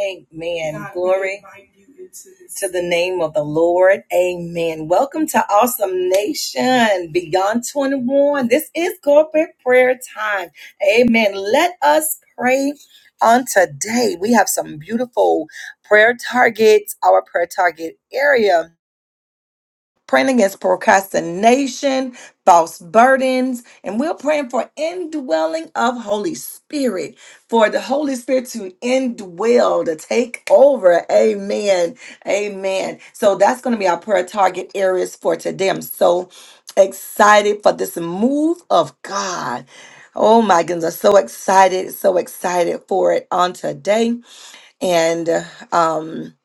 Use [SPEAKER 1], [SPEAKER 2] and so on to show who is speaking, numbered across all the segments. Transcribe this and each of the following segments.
[SPEAKER 1] Amen. To the name of the Lord. Amen. Welcome to Awesome Nation Beyond 21. This is corporate prayer time. Amen. Let us pray on today. We have some beautiful prayer targets, our prayer target area praying against procrastination, false burdens, and we're praying for indwelling of Holy Spirit, for the Holy Spirit to indwell, to take over. Amen. Amen. So that's going to be our prayer target areas for today. I'm so excited for this move of God. Oh my goodness, I'm so excited, so excited for it on today. And uh, um,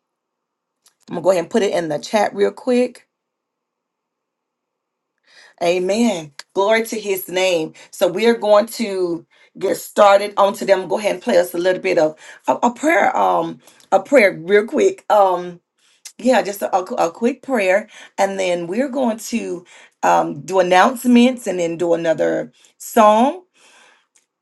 [SPEAKER 1] I'm gonna go ahead and put it in the chat real quick. Amen. Glory to his name. So we are going to get started on today. i go ahead and play us a little bit of a, a prayer, um, a prayer real quick. Um, yeah, just a, a, a quick prayer, and then we're going to um do announcements and then do another song.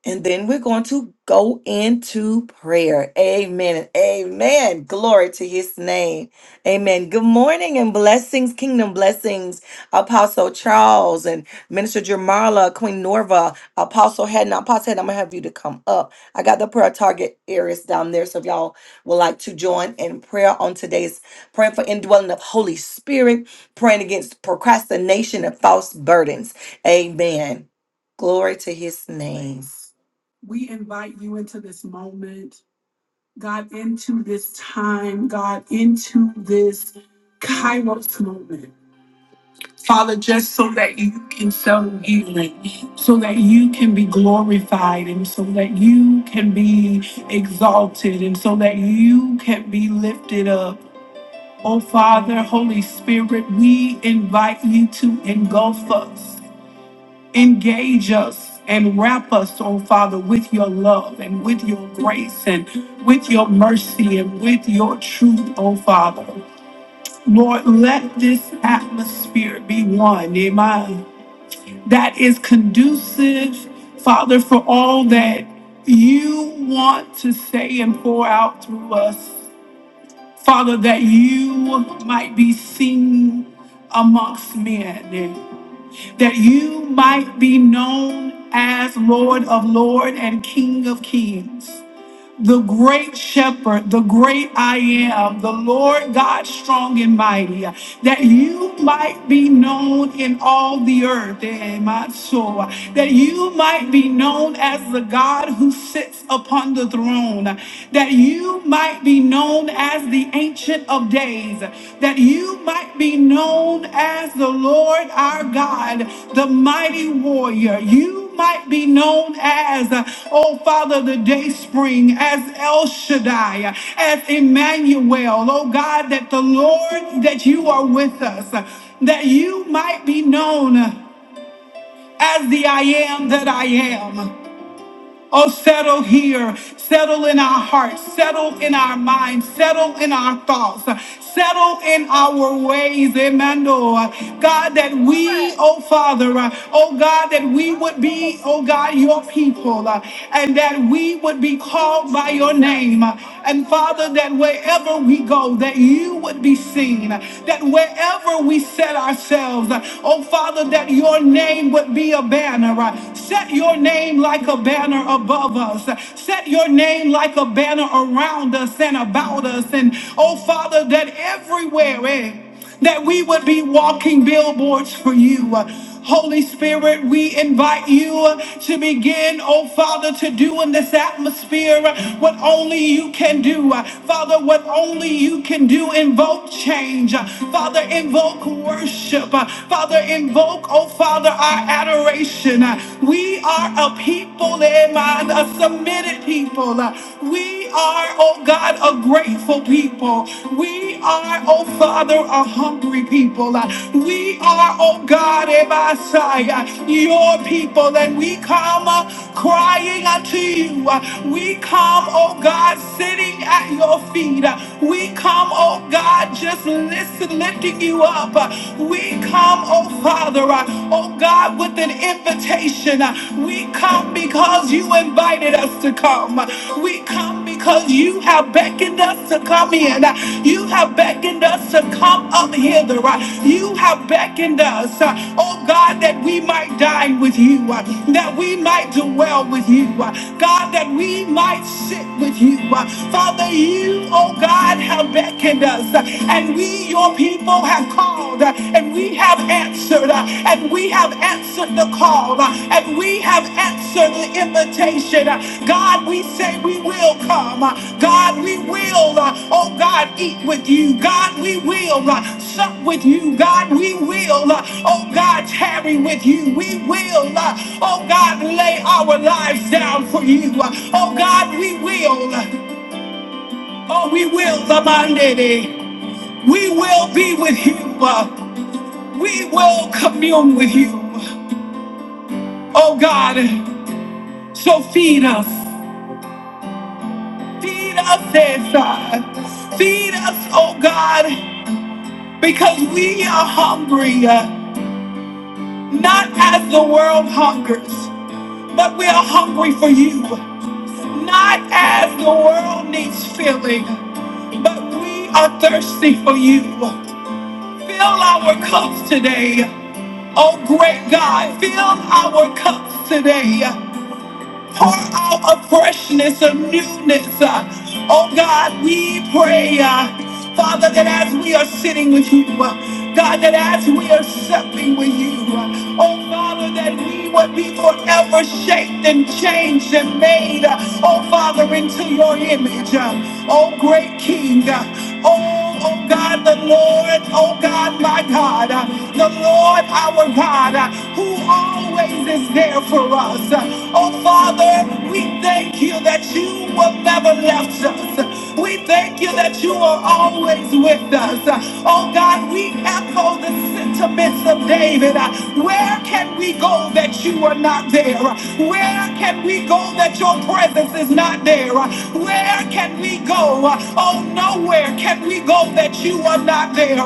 [SPEAKER 1] And then we're going to go into prayer. Amen. and Amen. Glory to his name. Amen. Good morning and blessings, kingdom blessings, Apostle Charles and Minister Jamarla, Queen Norva, Apostle Haddon. Apostle Haddon, I'm going to have you to come up. I got the prayer target areas down there. So if y'all would like to join in prayer on today's praying for indwelling of Holy Spirit, praying against procrastination and false burdens. Amen. Glory to his name. into this time, God, into this Kairos moment. Father, just so that you can show healing, so that you can be glorified, and so that you can be exalted, and so that you can be lifted up. Oh, Father, Holy Spirit, we invite you to engulf us engage us and wrap us, oh Father, with your love and with your grace and with your mercy and with your truth, oh Father. Lord, let this atmosphere be one, amen, that is conducive, Father, for all that you want to say and pour out through us. Father, that you might be seen amongst men that you might be known as Lord of Lords and King of Kings the great shepherd, the great I am, the Lord God strong and mighty, that you might be known in all the earth, eh, my soul, that you might be known as the God who sits upon the throne, that you might be known as the Ancient of Days, that you might be known as the Lord our God, the mighty warrior. You might be known as, uh, oh Father, the day spring, as El Shaddai, uh, as Emmanuel, oh God, that the Lord, that you are with us, uh, that you might be known uh, as the I am that I am. Oh, settle here. Settle in our hearts. Settle in our minds. Settle in our thoughts. Settle in our ways. Amen. Lord. God, that we, oh Father, uh, oh God, that we would be, oh God, your people, uh, and that we would be called by your name. And Father, that wherever we go, that you would be seen. That wherever we set ourselves, uh, oh Father, that your name would be a banner banner. Set your name like a banner above us. Set your name like a banner around us and about us. And oh, Father, that everywhere, eh, that we would be walking billboards for you. Holy Spirit, we invite you to begin, oh Father, to do in this atmosphere what only you can do. Father, what only you can do, invoke change. Father, invoke worship. Father, invoke, oh Father, our adoration. Uh, We are a people, eh, man, a submitted people. Uh, We are, oh God, a grateful people. We are, oh Father, a hungry people. Uh, We are, oh God, eh, Messiah, your people, and we come uh, crying unto you. Uh, We come, oh God, sitting at your feet. Uh, We come, oh God, just listen, lifting lifting you up. Uh, We come, oh Father, uh, oh God, with an invitation. Uh, We come because you invited us to come. Uh, We come because you have beckoned us to come in. Uh, You have beckoned us to come up hither. Uh, You have beckoned us, uh, oh God, that we might dine with you, uh, that we might dwell with you, uh, God, that we might sit with you. Uh, Father, you, oh God, have beckoned us, uh, and we, your people, have called, uh, and we have answered, uh, and we have answered the call, uh, and we have answered the invitation. Uh, God, we say we will come. Uh, God, we will, uh, oh God, eat with you. God, we will uh, sup with you. God, we will, uh, oh God, tarry with you. We will, uh, oh God, lay our lives down for you. Uh, oh God, we will. uh, Oh, we will, the mandate. We will be with you. Uh, We will commune with you. Oh God, so feed us. Feed us, says God. Feed us, oh God, because we are hungry, uh, not as the world hungers, but we are hungry for you. Not as the world needs filling, but we are thirsty for you. Fill our cups today. Oh, great God, fill our cups today. Pour out a freshness, a newness. Oh, God, we pray, uh, Father, that as we are sitting with you, uh, God, that as we are supping with you, uh, oh, Father, that we would be forever shaped and changed and made, uh, oh, Father, into your image. uh, Oh, great King. uh, Oh, oh God, the Lord, oh God, my God, uh, the Lord our God, uh, who always is there for us. Uh, Oh Father, we thank you that you will never left us. We thank you that you are always with us. Uh, Oh God, we echo the sentiments of David. Uh, Where can we go that you are not there? Where can we go that your presence is not there? Where can we go? Oh, nowhere can we go that you are not there.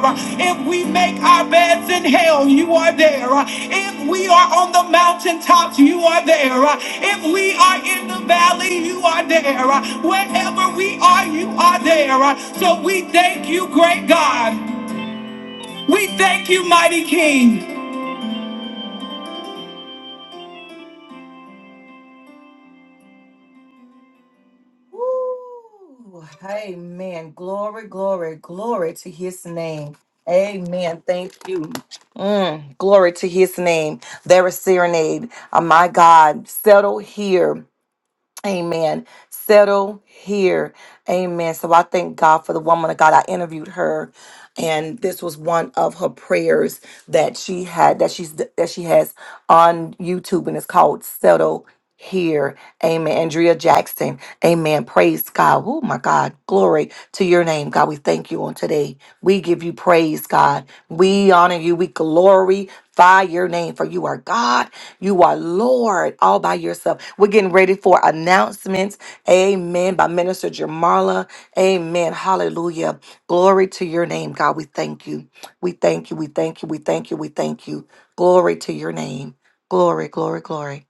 [SPEAKER 1] If we make our beds in hell, you are there. If we are on the mountaintops, you are there. If we are in the valley, you are there. Wherever we are, you are there. So we thank you, great God. We thank you, mighty King. Woo. Amen. Glory, glory, glory to his name. Amen. Thank you. Mm, glory to his name. There is serenade. Oh, my God. Settle here. Amen. Settle here. Amen. So I thank God for the woman of God. I interviewed her and this was one of her prayers that she had that she's that she has on YouTube and it's called Settle Here. Amen. Andrea Jackson. Amen. Praise God. Oh my God. Glory to your name. God, we thank you on today. We give you praise, God. We honor you. We glory by your name, for you are God, you are Lord all by yourself. We're getting ready for announcements. Amen. By Minister Jamarla. Amen. Hallelujah. Glory to your name, God. We thank you. We thank you. We thank you. We thank you. We thank you. Glory to your name. Glory, glory, glory.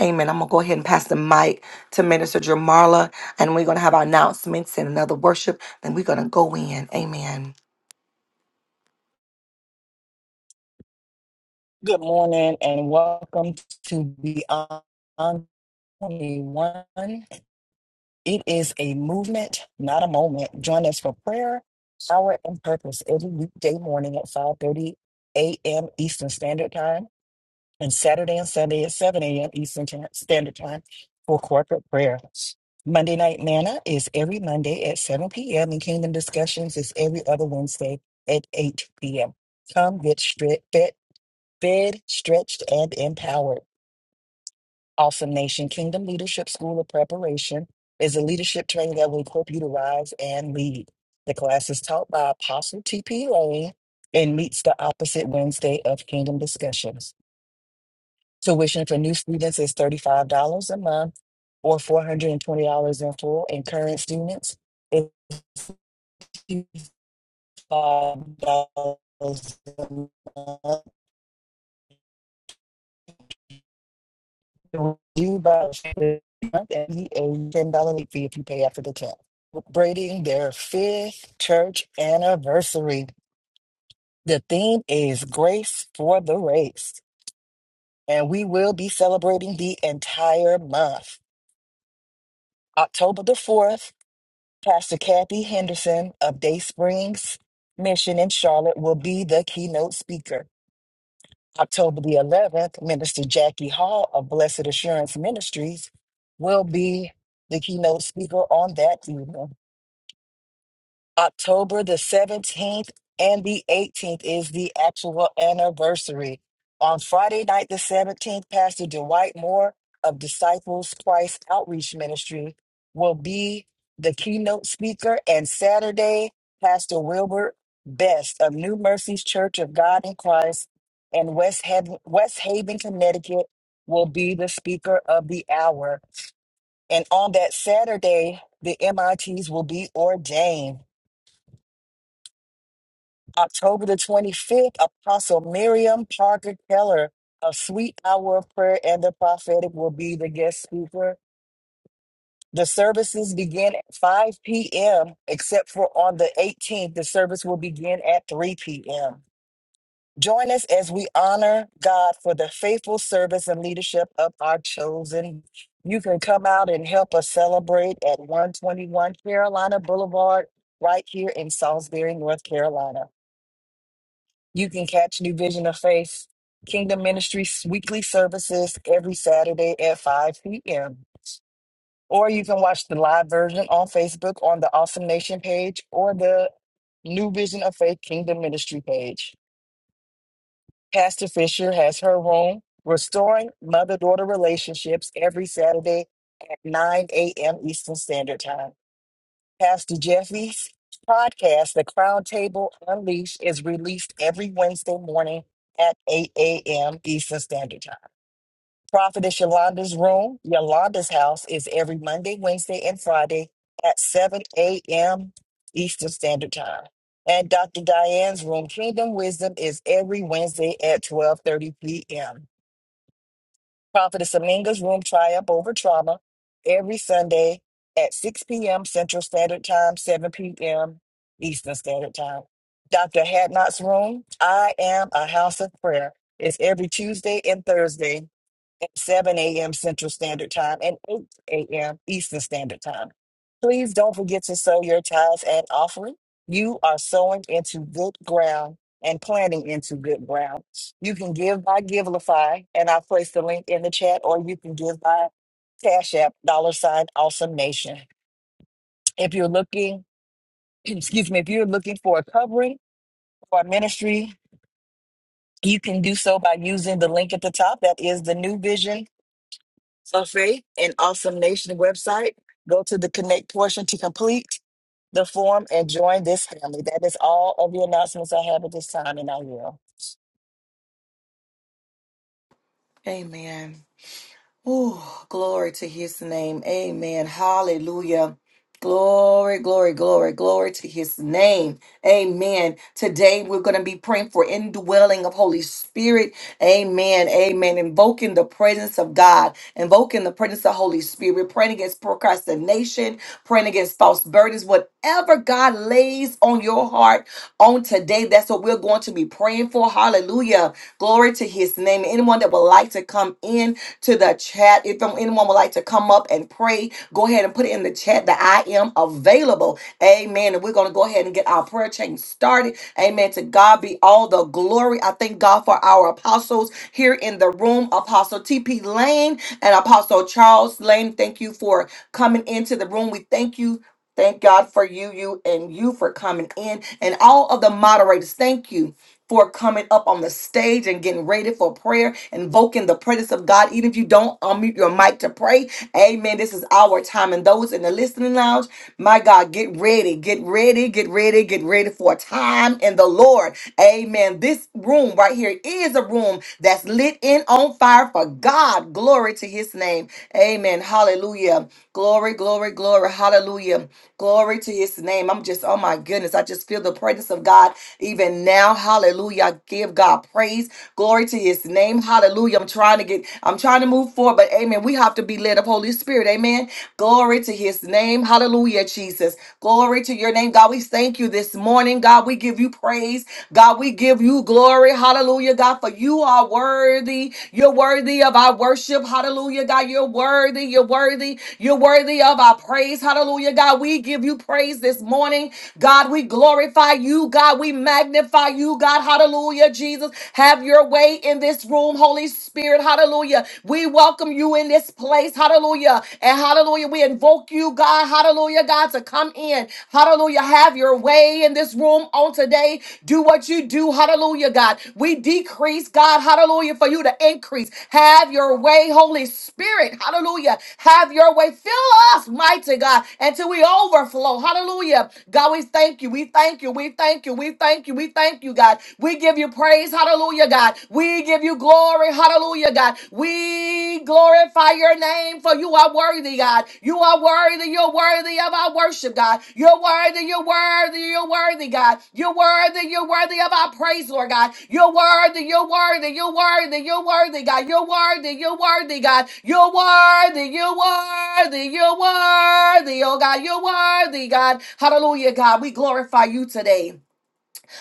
[SPEAKER 1] Amen. I'm going to go ahead and pass the mic to Minister Jamarla, and we're going to have our announcements and another worship. Then we're going to go in. Amen.
[SPEAKER 2] Good morning and welcome to Beyond 21. It is a movement, not a moment. Join us for prayer, power, and purpose every weekday morning at 5.30 a.m. Eastern Standard Time and Saturday and Sunday at 7 a.m. Eastern Ti- Standard Time for corporate prayer. Monday Night Manna is every Monday at 7 p.m. and Kingdom Discussions is every other Wednesday at 8 p.m. Come get stri- fed Fed, stretched, and empowered. Awesome Nation Kingdom Leadership School of Preparation is a leadership training that will equip you to rise and lead. The class is taught by Apostle T.P. Lane and meets the opposite Wednesday of Kingdom Discussions. Tuition for new students is $35 a month or $420 in full, and current students is $5 a month You about and the ten dollar late fee if you pay after the tenth. Celebrating their fifth church anniversary. The theme is grace for the race, and we will be celebrating the entire month. October the fourth, Pastor Kathy Henderson of Day Springs Mission in Charlotte will be the keynote speaker. October the 11th, Minister Jackie Hall of Blessed Assurance Ministries will be the keynote speaker on that evening. October the 17th and the 18th is the actual anniversary. On Friday night, the 17th, Pastor Dwight Moore of Disciples Christ Outreach Ministry will be the keynote speaker. And Saturday, Pastor Wilbert Best of New Mercies Church of God in Christ in West Haven, West Haven, Connecticut will be the speaker of the hour. And on that Saturday, the MITs will be ordained. October the 25th, Apostle Miriam Parker Keller of Sweet Hour of Prayer and the Prophetic will be the guest speaker. The services begin at 5 p.m., except for on the 18th, the service will begin at 3 p.m. Join us as we honor God for the faithful service and leadership of our chosen. You can come out and help us celebrate at 121 Carolina Boulevard, right here in Salisbury, North Carolina. You can catch New Vision of Faith Kingdom Ministries weekly services every Saturday at 5 p.m. Or you can watch the live version on Facebook on the Awesome Nation page or the New Vision of Faith Kingdom Ministry page. Pastor Fisher has her room, Restoring Mother Daughter Relationships, every Saturday at 9 a.m. Eastern Standard Time. Pastor Jeffy's podcast, The Crown Table Unleashed, is released every Wednesday morning at 8 a.m. Eastern Standard Time. Prophetess Yolanda's Room, Yolanda's House, is every Monday, Wednesday, and Friday at 7 a.m. Eastern Standard Time. And Dr. Diane's Room, Kingdom Wisdom, is every Wednesday at 12.30 p.m. Prophetess Aminga's Room Triumph Over Trauma every Sunday at 6 p.m. Central Standard Time, 7 p.m. Eastern Standard Time. Dr. Hadnot's Room, I Am a House of Prayer, is every Tuesday and Thursday at 7 a.m. Central Standard Time and 8 a.m. Eastern Standard Time. Please don't forget to sow your tithes and offering. You are sowing into good ground and planting into good ground. You can give by Givelify, and i will place the link in the chat, or you can give by Cash App, dollar sign, awesome nation. If you're looking, excuse me, if you're looking for a covering for our ministry, you can do so by using the link at the top. That is the new vision of Faith and Awesome Nation website. Go to the connect portion to complete the form and join this family. That is all of the announcements I have at this time, and I will.
[SPEAKER 1] Amen. Oh, glory to his name. Amen. Hallelujah. Glory, glory, glory, glory to his name. Amen. Today we're going to be praying for indwelling of Holy Spirit. Amen. Amen. Invoking the presence of God, invoking the presence of Holy Spirit, We're praying against procrastination, praying against false burdens, whatever God lays on your heart on today, that's what we're going to be praying for. Hallelujah. Glory to his name. Anyone that would like to come come in to the chat. If um, anyone would like to come up and pray, go ahead and put it in the chat that I am available. Amen. And we're going to go ahead and get our prayer chain started. Amen. To God be all the glory. I thank God for our apostles here in the room Apostle T.P. Lane and Apostle Charles Lane. Thank you for coming into the room. We thank you. Thank God for you, you, and you for coming in, and all of the moderators. Thank you for coming up on the stage and getting ready for prayer, invoking the presence of God. Even if you don't unmute your mic to pray, amen. This is our time. And those in the listening lounge, my God, get ready, get ready, get ready, get ready for a time in the Lord. Amen. This room right here is a room that's lit in on fire for God. God. Glory to his name. Amen. Hallelujah. Glory, glory, glory. Hallelujah. Glory to his name. I'm just, oh my goodness. I just feel the presence of God even now. Hallelujah. I give God praise. Glory to his name. Hallelujah. I'm trying to get, I'm trying to move forward, but amen. We have to be led of Holy Spirit. Amen. Glory to his name. Hallelujah, Jesus. Glory to your name, God. We thank you this morning, God. We give you praise praise. God, we give you glory. Hallelujah, God, for you are worthy. You're worthy of our worship. Hallelujah, God. You're worthy. You're worthy. You're worthy of our praise. Hallelujah, God. We give you praise this morning. God, we glorify you. God, we magnify you. God, hallelujah, Jesus. Have your way in this room, Holy Spirit. Hallelujah. We welcome you in this place. Hallelujah. And hallelujah. We invoke you, God. God, hallelujah, God, to come in. Hallelujah, have your way in this room on today. Do what you do, hallelujah, God. We decrease, God, hallelujah, for you to increase. Have your way, Holy Spirit, hallelujah. Have your way. Fill us, mighty God, until we overflow, hallelujah. God, we thank you, we thank you, we thank you, we thank you, we thank you, God. We give you praise, hallelujah, God. We give you glory, Hallelujah! Hallelujah, God. We glorify your name for you are worthy, God. You are worthy. You're worthy of our worship, God. You're worthy. You're worthy. You're worthy, God. You're worthy. You're worthy of our praise, Lord God. You're worthy. You're worthy. You're worthy. You're worthy, God. You're worthy. You're worthy, God. You're worthy. You're worthy. You're worthy, oh God. You're worthy, God. Hallelujah, God. We glorify you today.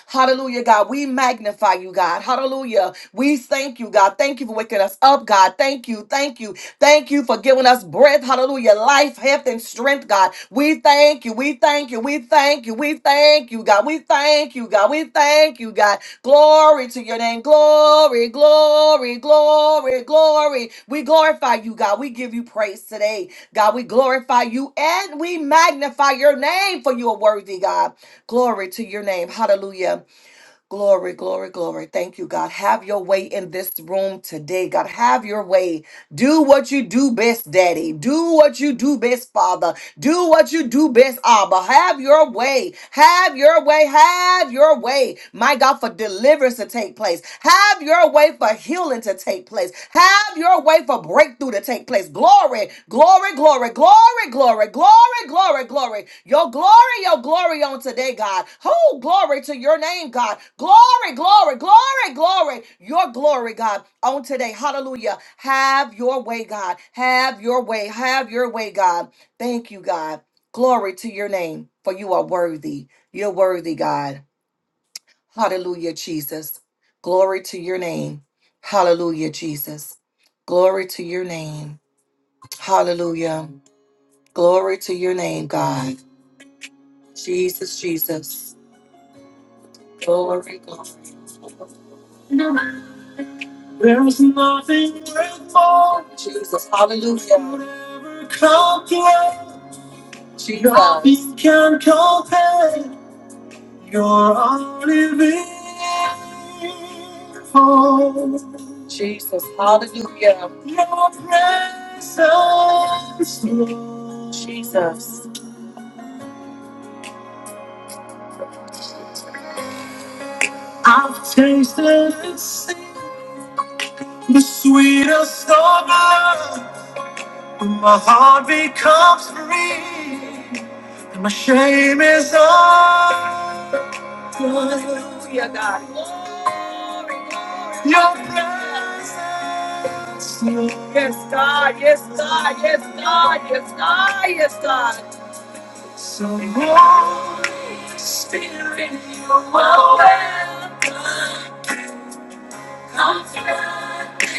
[SPEAKER 1] Hallelujah, God. We magnify you, God. Hallelujah. We thank you, God. Thank you for waking us up, God. Thank you. Thank you. Thank you for giving us breath. Hallelujah. Life, health, and strength, God. We thank you. We thank you. We thank you. We thank you, God. We thank you, God. We thank you, God. Glory to your name. Glory, glory, glory, glory. We glorify you, God. We give you praise today. God, we glorify you and we magnify your name for you are worthy, God. Glory to your name. Hallelujah. Glory, glory, glory. Thank you, God. Have your way in this room today, God. Have your way. Do what you do best, Daddy. Do what you do best, Father. Do what you do best, Abba. Have your way. Have your way. Have your way. My God, for deliverance to take place. Have your way for healing to take place. Have your way for breakthrough to take place. Glory, glory, glory, glory, glory, glory, glory, glory. Your glory, your glory on today, God. Oh, glory to your name, God. Glory, glory, glory, glory. Your glory, God, on today. Hallelujah. Have your way, God. Have your way. Have your way, God. Thank you, God. Glory to your name, for you are worthy. You're worthy, God. Hallelujah, Jesus. Glory to your name. Hallelujah, Jesus. Glory to your name. Hallelujah. Glory to your name, God. Jesus, Jesus. Glory, glory. There's nothing more. Jesus, hallelujah. Whatever comes your Jesus. Nothing can compare. You're our living hope. Hallelujah. Praise the I've tasted and seen the sweetest of love. When my heart becomes free, and my shame is on your presence. Yes, God, yes, God, yes, God, yes, God, yes, God. So, Holy Spirit, my way.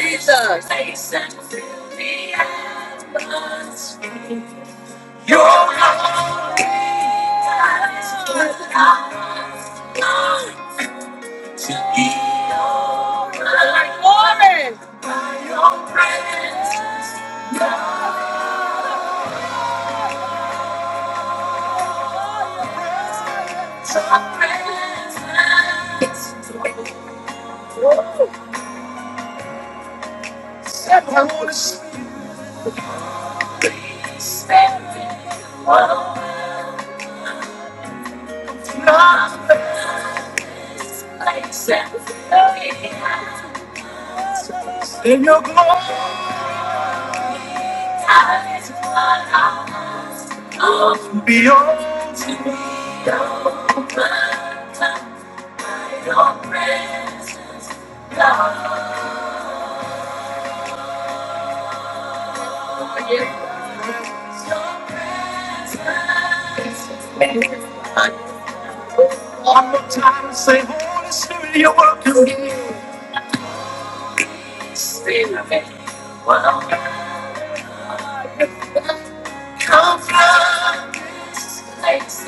[SPEAKER 1] Jesus. Your eyes, Glory. Glory. Come from this place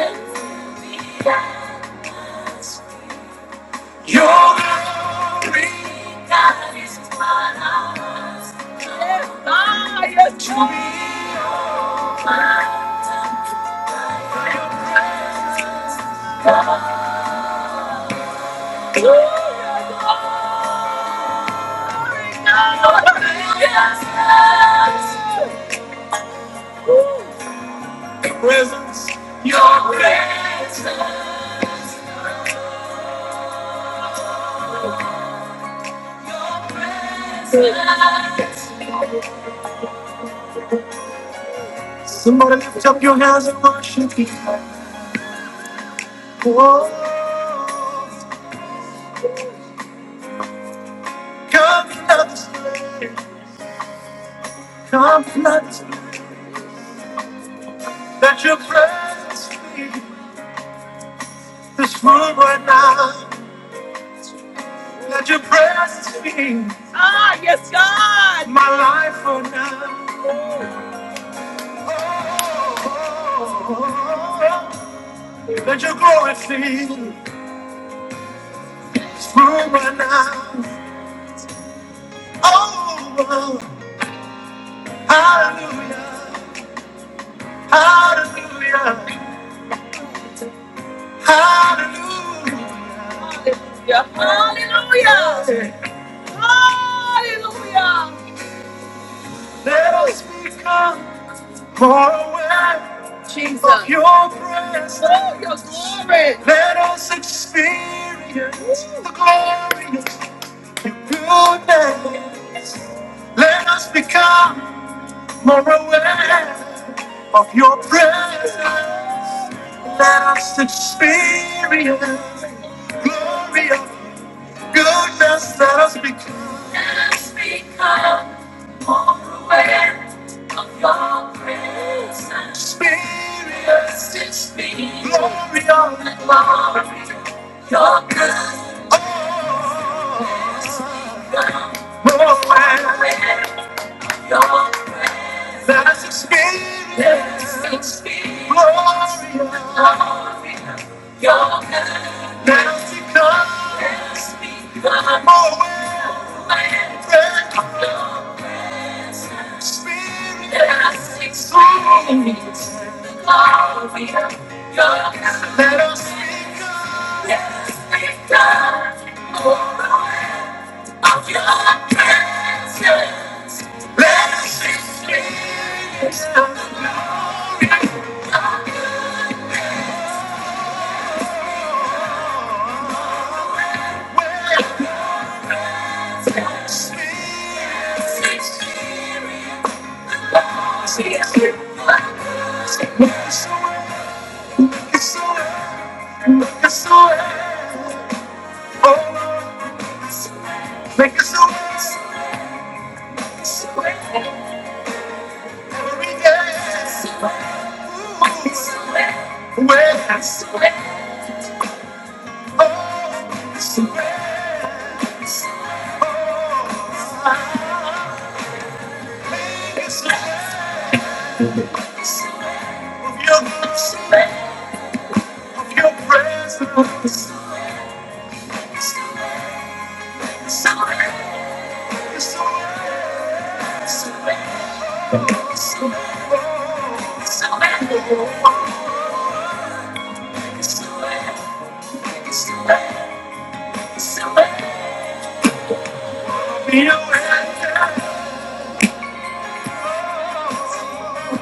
[SPEAKER 1] and Presence, your presence. Somebody lift up your hands and worship Him. Oh, come flood this place, come flood this place. Let your presence fill this room right now. Let your prayers to me. Ah, yes, God. My life for now. Oh, oh, oh. Let your glory fill this room right now. Oh, oh. hallelujah, hallelujah, hallelujah. Yeah, hallelujah. Let us become more aware of your presence. Oh, your glory. Let us experience the glory of your goodness. Let us become more aware of your presence. Let us experience the glory of goodness let us become. Let us become more aware of your presence. Spirit, it's me. Glory of the glory. Your goodness. Oh, more aware of your presence. Let us experience. Let us experience. Glory of your goodness. Let us become. Let us become more aware. More aware. It's so, it's so, it's so, oh. Make us all dance, we dance, ooh, dance, oh, dance, oh, make us dance of your grace, of your presence, so, dance, dance, oh, so, Thank you.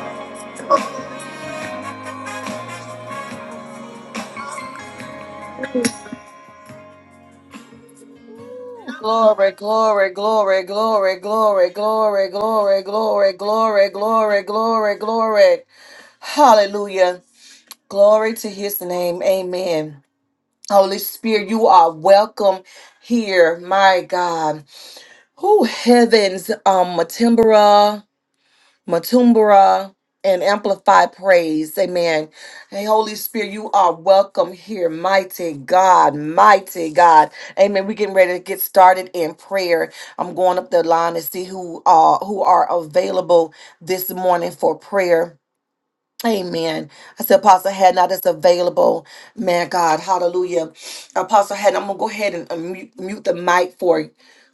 [SPEAKER 1] Glory, glory, glory, glory, glory, glory, glory, glory, glory, glory, glory, glory. Hallelujah. Glory to his name. Amen. Holy Spirit, you are welcome here, my God. Who heavens, um, Matimbra. Matumbra, and Amplify Praise. Amen. Hey, Holy Spirit, you are welcome here. Mighty God, mighty God. Amen. We're getting ready to get started in prayer. I'm going up the line to see who uh who are available this morning for prayer. Amen. I said, Apostle Haddon, now that's available. Man, God, hallelujah. Apostle Haddon, I'm going to go ahead and unmute, mute the mic for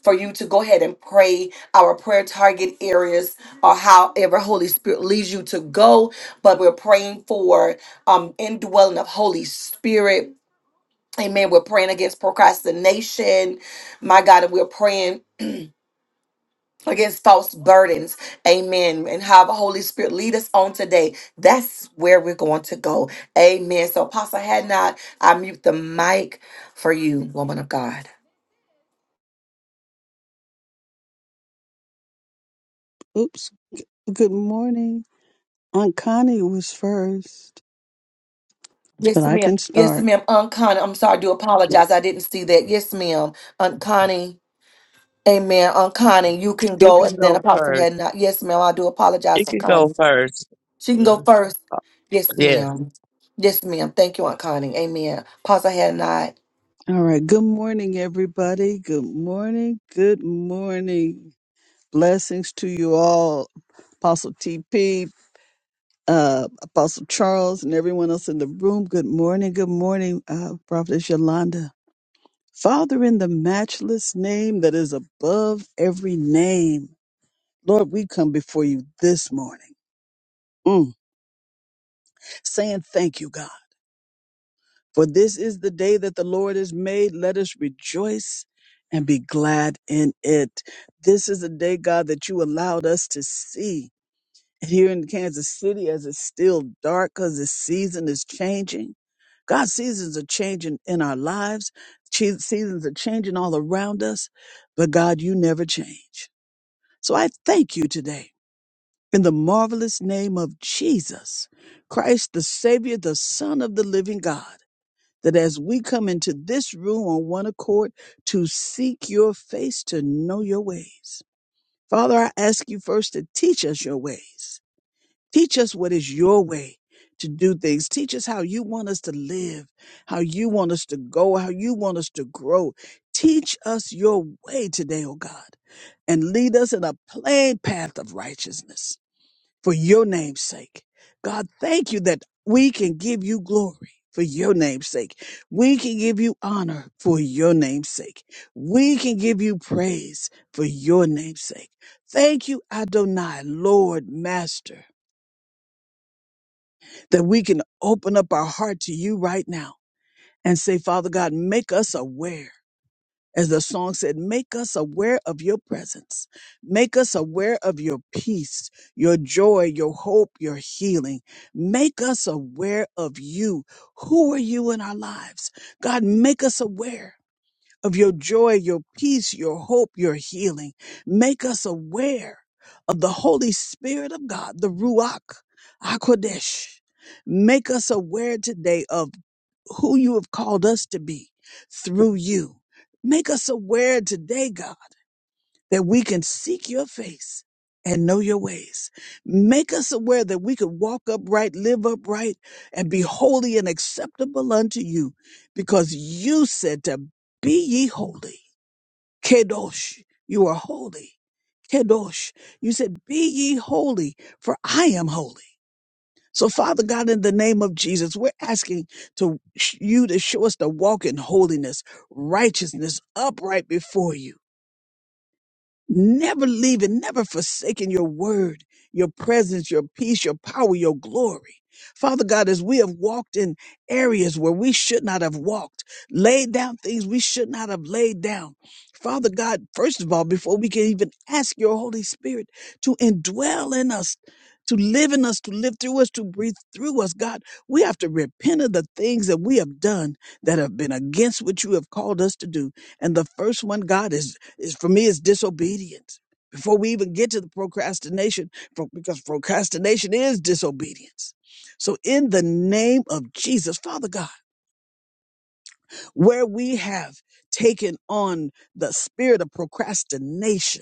[SPEAKER 1] for you to go ahead and pray our prayer target areas or however Holy Spirit leads you to go. But we're praying for um indwelling of Holy Spirit. Amen. We're praying against procrastination. My God, and we're praying against false burdens. Amen. And have the Holy Spirit lead us on today. That's where we're going to go. Amen. So, Apostle had not, I mute the mic for you, woman of God.
[SPEAKER 3] Oops. Good morning. Aunt Connie was first, but
[SPEAKER 1] Yes,
[SPEAKER 3] I
[SPEAKER 1] ma'am.
[SPEAKER 3] can
[SPEAKER 1] Yes,
[SPEAKER 3] start.
[SPEAKER 1] ma'am. Aunt Connie, I'm sorry, I do apologize. I didn't see that. Yes, ma'am. Aunt Connie. Amen. Aunt Connie, you can
[SPEAKER 4] It
[SPEAKER 1] go.
[SPEAKER 4] can
[SPEAKER 1] And then
[SPEAKER 4] go
[SPEAKER 1] Apostle
[SPEAKER 4] first.
[SPEAKER 1] had not. Yes, ma'am. I do apologize,
[SPEAKER 4] It
[SPEAKER 1] Aunt
[SPEAKER 4] can go
[SPEAKER 1] Connie.
[SPEAKER 4] first.
[SPEAKER 1] She can go first. Yes,
[SPEAKER 4] Yes,
[SPEAKER 1] ma'am. Yes, ma'am. Thank you, Aunt Connie. Amen. Apostle had not.
[SPEAKER 3] All right. Good morning, everybody. Good morning. Good morning. Blessings to you all. Apostle TP, uh, Apostle Charles, and everyone else in the room. Good morning. Good morning, uh, Prophetess Yolanda. Father, in the matchless name that is above every name, Lord, we come before you this morning, mm, saying thank you, God. For this is the day that the Lord has made. Let us rejoice and be glad in it. This is the day, God, that you allowed us to see here in Kansas City as it's still dark because the season is changing. God, seasons are changing in our lives. Che- Seasons are changing all around us, but God, you never change. So I thank you today in the marvelous name of Jesus, Christ, the Savior, the Son of the living God that as we come into this room on one accord to seek your face, to know your ways. Father, I ask you first to teach us your ways. Teach us what is your way to do things. Teach us how you want us to live, how you want us to go, how you want us to grow. Teach us your way today, O God, and lead us in a plain path of righteousness for your name's sake. God, thank you that we can give you glory for your name's sake. We can give you honor for your name's sake. We can give you praise for your name's sake. Thank you, Adonai, Lord, Master, that we can open up our heart to you right now and say, Father God, make us aware. As the song said, make us aware of your presence. Make us aware of your peace, your joy, your hope, your healing. Make us aware of you. Who are you in our lives? God, make us aware of your joy, your peace, your hope, your healing. Make us aware of the Holy Spirit of God, the Ruach HaKodesh. Make us aware today of who you have called us to be through you. Make us aware today, God that we can seek your face and know your ways. Make us aware that we could walk upright, live upright, and be holy and acceptable unto you, because you said to be ye holy. Kedosh, you are holy. Kedosh, you said, be ye holy, for I am holy. So Father God, in the name of Jesus, we're asking to you to show us to walk in holiness, righteousness, upright before you never leaving, never forsaking your word, your presence, your peace, your power, your glory. Father God, as we have walked in areas where we should not have walked, laid down things we should not have laid down. Father God, first of all, before we can even ask your Holy Spirit to indwell in us, to live in us, to live through us, to breathe through us, God, we have to repent of the things that we have done that have been against what you have called us to do. And the first one, God, is it's, for me, it's disobedience. Before we even get to the procrastination, pro- because procrastination is disobedience. So, in the name of Jesus, Father God, where we have taken on the spirit of procrastination,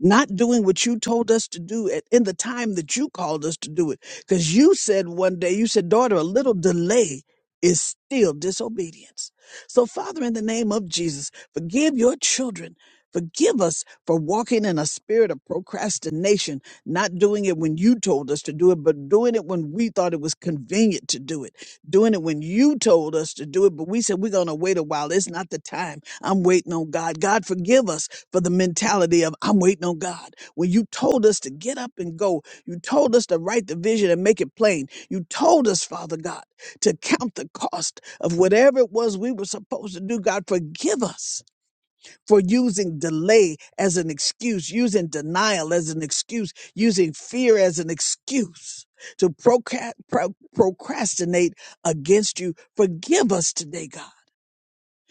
[SPEAKER 3] not doing what you told us to do at, in the time that you called us to do it. Because you said one day, you said, daughter, a little delay is still disobedience. So, Father, in the name of Jesus, forgive your children. Forgive us for walking in a spirit of procrastination, not doing it when you told us to do it, but doing it when we thought it was convenient to do it, doing it when you told us to do it, but we said, we're going to wait a while. It's not the time. I'm waiting on God. God, forgive us for the mentality of I'm waiting on God. When you told us to get up and go, you told us to write the vision and make it plain. You told us, Father God, to count the cost of whatever it was we were supposed to do. God, forgive us for using delay as an excuse, using denial as an excuse, using fear as an excuse to procra- pro- procrastinate against you. Forgive us today, God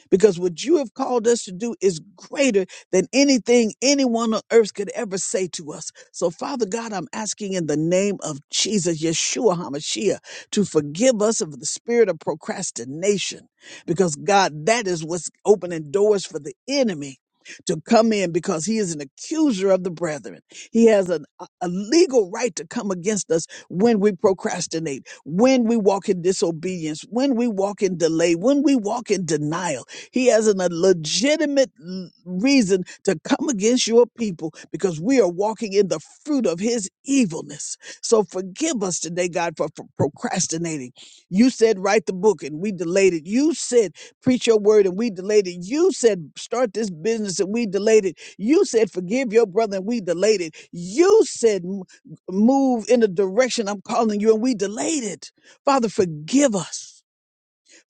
[SPEAKER 3] because what you have called us to do is greater than anything anyone on earth could ever say to us. So, Father God, I'm asking in the name of Jesus, Yeshua HaMashiach, to forgive us of the spirit of procrastination, because God, that is what's opening doors for the enemy. To come in because he is an accuser of the brethren. He has an, a a legal right to come against us when we procrastinate, when we walk in disobedience, when we walk in delay, when we walk in denial. He has an- a legitimate l- reason to come against your people because we are walking in the fruit of his evilness. So forgive us today, God, for, for procrastinating. You said, write the book and we delayed it. You said, preach your word and we delayed it. You said, start this business and we delayed it. You said, forgive your brother and we delayed it. You said, "M- move in the direction I'm calling you and we delayed it. Father, forgive us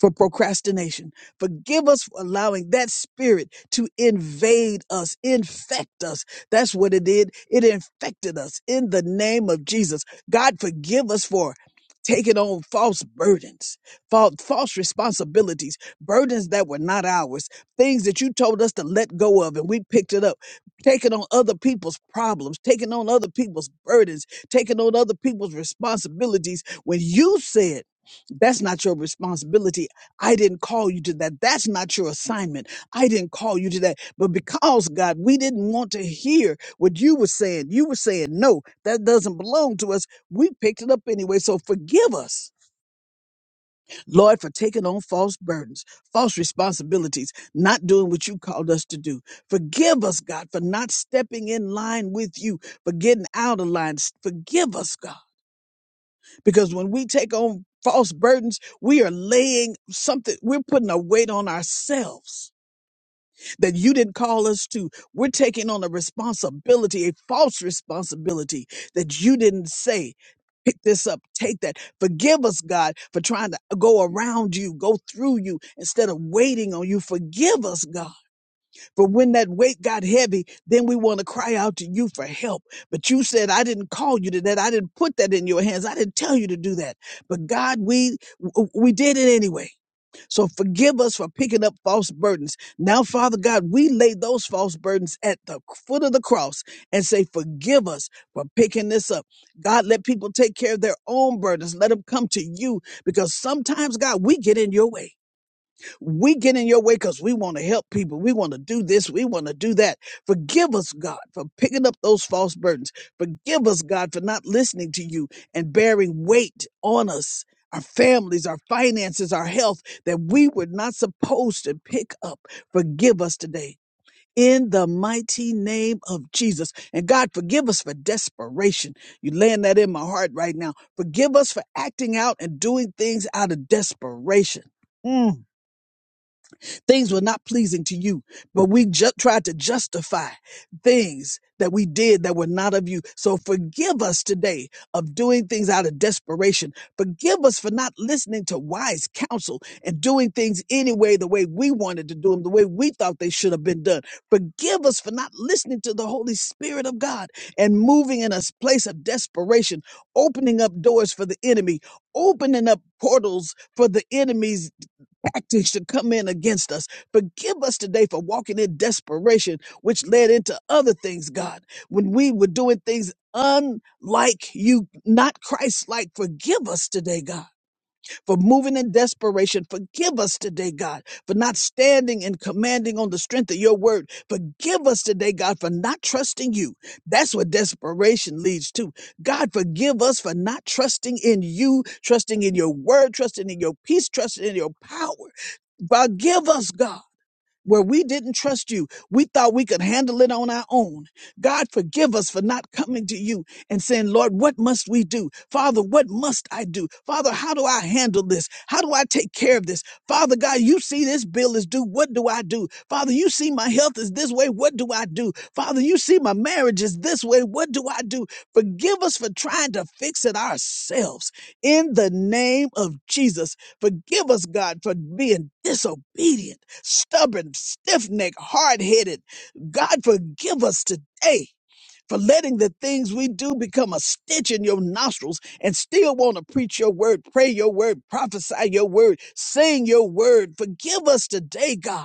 [SPEAKER 3] for procrastination. Forgive us for allowing that spirit to invade us, infect us. That's what it did. It infected us in the name of Jesus. God, forgive us for taking on false burdens, false, false responsibilities, burdens that were not ours, things that you told us to let go of and we picked it up, taking on other people's problems, taking on other people's burdens, taking on other people's responsibilities when you said, that's not your responsibility I didn't call you to that. That's not your assignment. I didn't call you to that. But because, God, we didn't want to hear what you were saying, you were saying, no, that doesn't belong to us. We picked it up anyway. So forgive us, Lord, for taking on false burdens, false responsibilities, not doing what you called us to do. Forgive us, God, for not stepping in line with you, for getting out of line. Forgive us, God. Because when we take on false burdens, we are laying something, we're putting a weight on ourselves that you didn't call us to. We're taking on a responsibility, a false responsibility that you didn't say. Pick this up, take that. Forgive us, God, for trying to go around you, go through you instead of waiting on you. Forgive us, God for when that weight got heavy, then we want to cry out to you for help. But you said, I didn't call you to that. I didn't put that in your hands. I didn't tell you to do that. But God, we, w- we did it anyway. So forgive us for picking up false burdens. Now, Father God, we lay those false burdens at the foot of the cross and say, forgive us for picking this up. God, let people take care of their own burdens. Let them come to you because sometimes, God, we get in your way we get in your way because we want to help people. We want to do this. We want to do that. Forgive us, God, for picking up those false burdens. Forgive us, God, for not listening to you and bearing weight on us, our families, our finances, our health that we were not supposed to pick up. Forgive us today. In the mighty name of Jesus. And God, forgive us for desperation. You laying that in my heart right now. Forgive us for acting out and doing things out of desperation. Mm. Things were not pleasing to you, but we ju- tried to justify things that we did that were not of you. So forgive us today of doing things out of desperation. Forgive us for not listening to wise counsel and doing things anyway, the way we wanted to do them, the way we thought they should have been done. Forgive us for not listening to the Holy Spirit of God and moving in a place of desperation, opening up doors for the enemy, opening up portals for the enemies tactics to come in against us. Forgive us today for walking in desperation, which led into other things, God, when we were doing things unlike you, not Christ like. Forgive us today, God for moving in desperation. Forgive us today, God, for not standing and commanding on the strength of your word. Forgive us today, God, for not trusting you. That's what desperation leads to. God, forgive us for not trusting in you, trusting in your word, trusting in your peace, trusting in your power. Forgive us, God where we didn't trust you. We thought we could handle it on our own. God, forgive us for not coming to you and saying, Lord, what must we do? Father, what must I do? Father, how do I handle this? How do I take care of this? Father God, you see this bill is due. What do I do? Father, you see my health is this way. What do I do? Father, you see my marriage is this way. What do I do? Forgive us for trying to fix it ourselves. In the name of Jesus, forgive us, God, for being disobedient stubborn, stiff necked, hard headed. God, forgive us today for letting the things we do become a stitch in your nostrils and still want to preach your word, pray your word, prophesy your word, sing your word. Forgive us today, God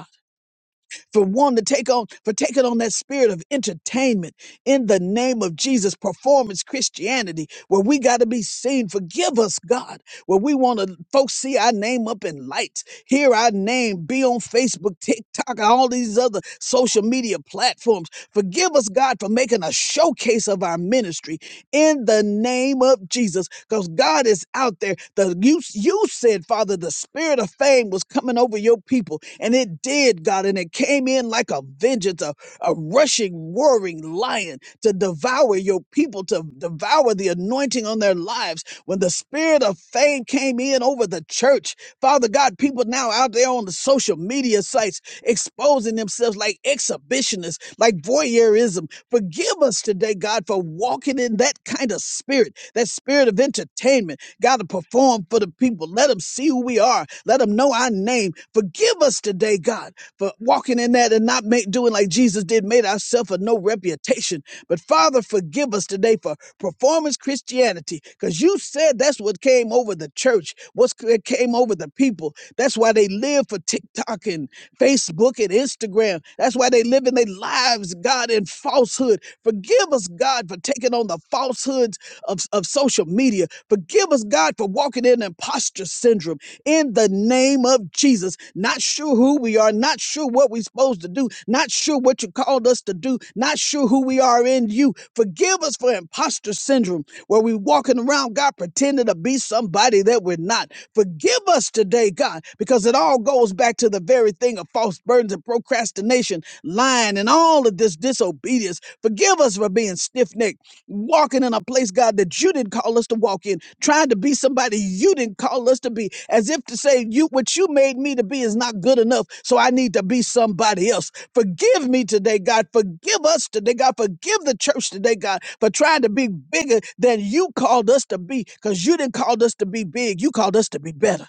[SPEAKER 3] for one to take on for taking on that spirit of entertainment in the name of Jesus performance Christianity where we got to be seen forgive us God where we want to folks see our name up in lights hear our name be on Facebook TikTok and all these other social media platforms forgive us God for making a showcase of our ministry in the name of Jesus because God is out there. The, you, you said, Father, the spirit of fame was coming over your people, and it did, God, and it came in like a vengeance, a, a rushing, roaring lion to devour your people, to devour the anointing on their lives. When the spirit of fame came in over the church, Father God, people now out there on the social media sites exposing themselves like exhibitionists, like voyeurism, Forgive us today, God, for walking in that kind of spirit, that spirit of entertainment. God, to perform for the people. Let them see who we are. Let them know our name. Forgive us today, God for walking in that and not make, doing like Jesus did, made ourselves of no reputation. But Father, forgive us today for performance Christianity, because you said that's what came over the church, what's what came over the people. That's why they live for TikTok and Facebook and Instagram. That's why they live in their lives, God, in falsehood. Forgive us, God, for taking on the falsehoods of, of social media. Forgive us, God. God, for walking in imposter syndrome in the name of Jesus. Not sure who we are, not sure what we're supposed to do, not sure what you called us to do, not sure who we are in you. Forgive us for imposter syndrome, where we walking around, God, pretending to be somebody that we're not. Forgive us today, God, because it all goes back to the very thing of false burdens and procrastination, lying, and all of this disobedience. Forgive us for being stiff necked walking in a place, God, that you didn't call us to walk in, trying to be somebody you didn't call us to be, as if to say, you what you made me to be is not good enough, so I need to be somebody else. Forgive me today, God. Forgive us today, God. Forgive the church today, God, for trying to be bigger than you called us to be, because you didn't call us to be big. You called us to be better.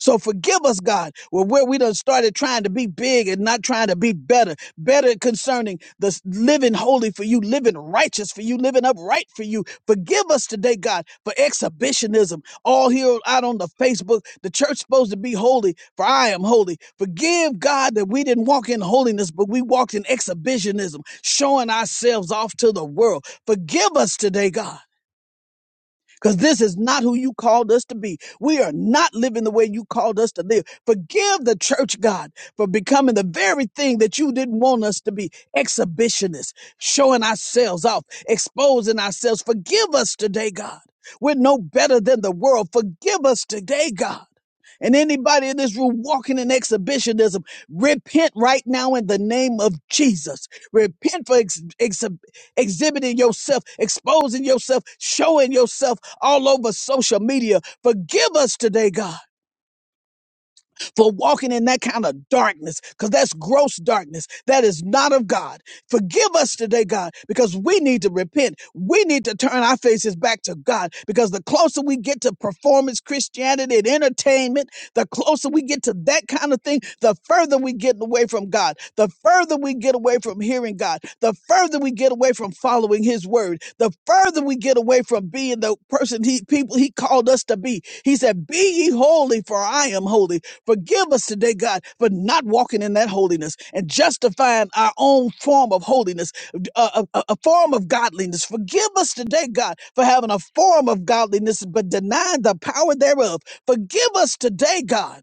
[SPEAKER 3] So forgive us, God, where where we done started trying to be big and not trying to be better, better concerning the s- living holy for you, living righteous for you, living upright for you. Forgive us today, God, for exhibitionism. All here out on the Facebook, the church supposed to be holy, for I am holy. Forgive God that we didn't walk in holiness, but we walked in exhibitionism, showing ourselves off to the world. Forgive us today, God because this is not who you called us to be. We are not living the way you called us to live. Forgive the church, God, for becoming the very thing that you didn't want us to be exhibitionists, showing ourselves off, exposing ourselves. Forgive us today, God. We're no better than the world. Forgive us today, God. And anybody in this room walking in exhibitionism, repent right now in the name of Jesus. Repent for ex- exhib- exhibiting yourself, exposing yourself, showing yourself all over social media. Forgive us today, God for walking in that kind of darkness because that's gross darkness. That is not of God. Forgive us today, God, because we need to repent. We need to turn our faces back to God because the closer we get to performance Christianity and entertainment, the closer we get to that kind of thing, the further we get away from God, the further we get away from hearing God, the further we get away from following His word, the further we get away from being the person He people He called us to be. He said, "Be ye holy, for I am holy." Forgive us today, God, for not walking in that holiness and justifying our own form of holiness, a, a, a form of godliness. Forgive us today, God, for having a form of godliness but denying the power thereof. Forgive us today, God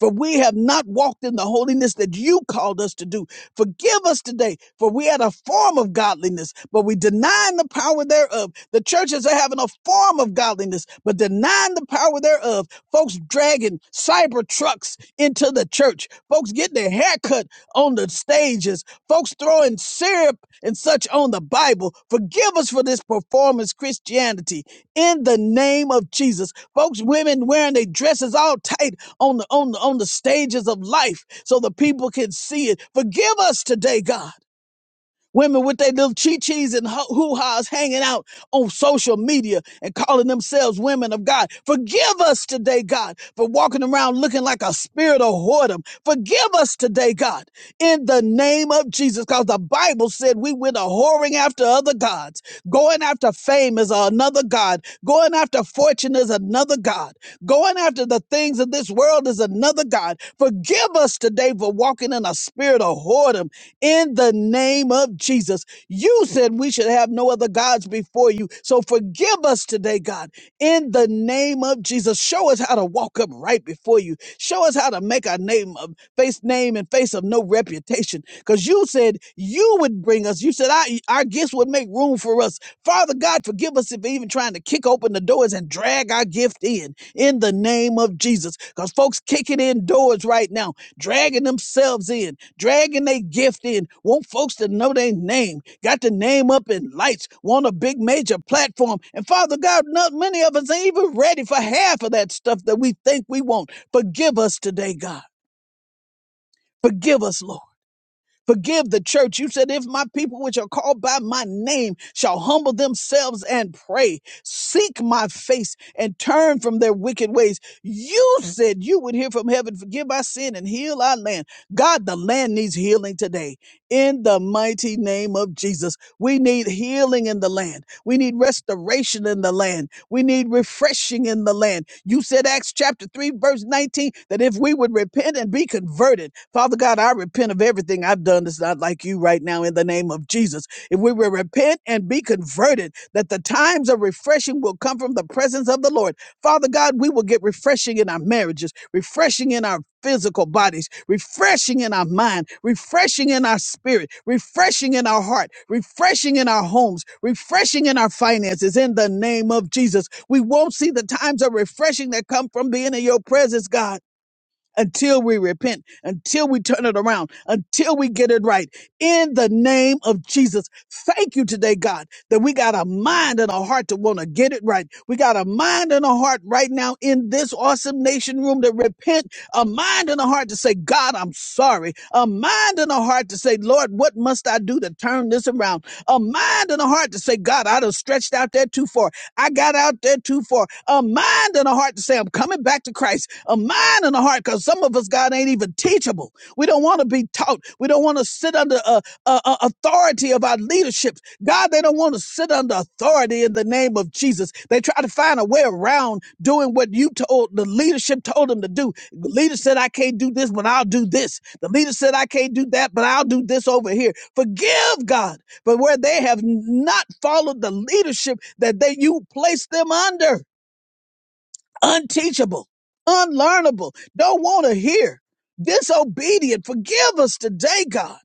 [SPEAKER 3] for we have not walked in the holiness that you called us to do. Forgive us today, for we had a form of godliness, but we denying the power thereof. The churches are having a form of godliness, but denying the power thereof. Folks dragging cyber trucks into the church, folks getting their hair cut on the stages, folks throwing syrup and such on the Bible. Forgive us for this performance Christianity in the name of Jesus. Folks, women wearing their dresses all tight on the on the on the stages of life so the people can see it. Forgive us today, God Women with their little chi chis and ho- hoo ha's hanging out on social media and calling themselves women of God. Forgive us today, God, for walking around looking like a spirit of whoredom. Forgive us today, God, in the name of Jesus, because the Bible said we went a whoring after other gods. Going after fame is another God. Going after fortune is another God. Going after the things of this world is another God. Forgive us today for walking in a spirit of whoredom in the name of Jesus. You said we should have no other gods before you. So forgive us today, God, in the name of Jesus. Show us how to walk up right before you. Show us how to make our name of face name and face of no reputation. Because you said you would bring us. You said I, our gifts would make room for us. Father God, forgive us if we're even trying to kick open the doors and drag our gift in, in the name of Jesus. Because folks kicking in doors right now, dragging themselves in dragging their gift in, want folks to know their name, got the name up in lights, want a big major platform. And Father God, not many of us ain't even ready for half of that stuff that we think we want. Forgive us today, God. Forgive us, Lord. Forgive the church. You said, if my people which are called by my name shall humble themselves and pray, seek my face and turn from their wicked ways. You said you would hear from heaven, forgive our sin and heal our land. God, the land needs healing today. In the mighty name of Jesus, we need healing in the land. We need restoration in the land. We need refreshing in the land. You said, Acts chapter 3, verse 19, that if we would repent and be converted, Father God, I repent of everything I've done that's not like you right now in the name of Jesus. If we will repent and be converted, that the times of refreshing will come from the presence of the Lord. Father God, we will get refreshing in our marriages, refreshing in our physical bodies, refreshing in our mind, refreshing in our spirit, refreshing in our heart, refreshing in our homes, refreshing in our finances. In the name of Jesus, we won't see the times of refreshing that come from being in your presence, God until we repent, until we turn it around, until we get it right. In the name of Jesus, thank you today, God, that we got a mind and a heart to want to get it right. We got a mind and a heart right now in this awesome nation room to repent, a mind and a heart to say, God, I'm sorry, a mind and a heart to say, Lord, what must I do to turn this around? A mind and a heart to say, God, I done stretched out there too far. I got out there too far. A mind and a heart to say, I'm coming back to Christ. A mind and a heart, because some of us, God, ain't even teachable. We don't want to be taught. We don't want to sit under uh, uh, uh, authority of our leadership. God, they don't want to sit under authority in the name of Jesus. They try to find a way around doing what you told the leadership told them to do. The leader said, I can't do this, but I'll do this. The leader said, I can't do that, but I'll do this over here. Forgive God but where they have not followed the leadership that they you placed them under. Unteachable, unlearnable, don't want to hear, disobedient. Forgive us today, God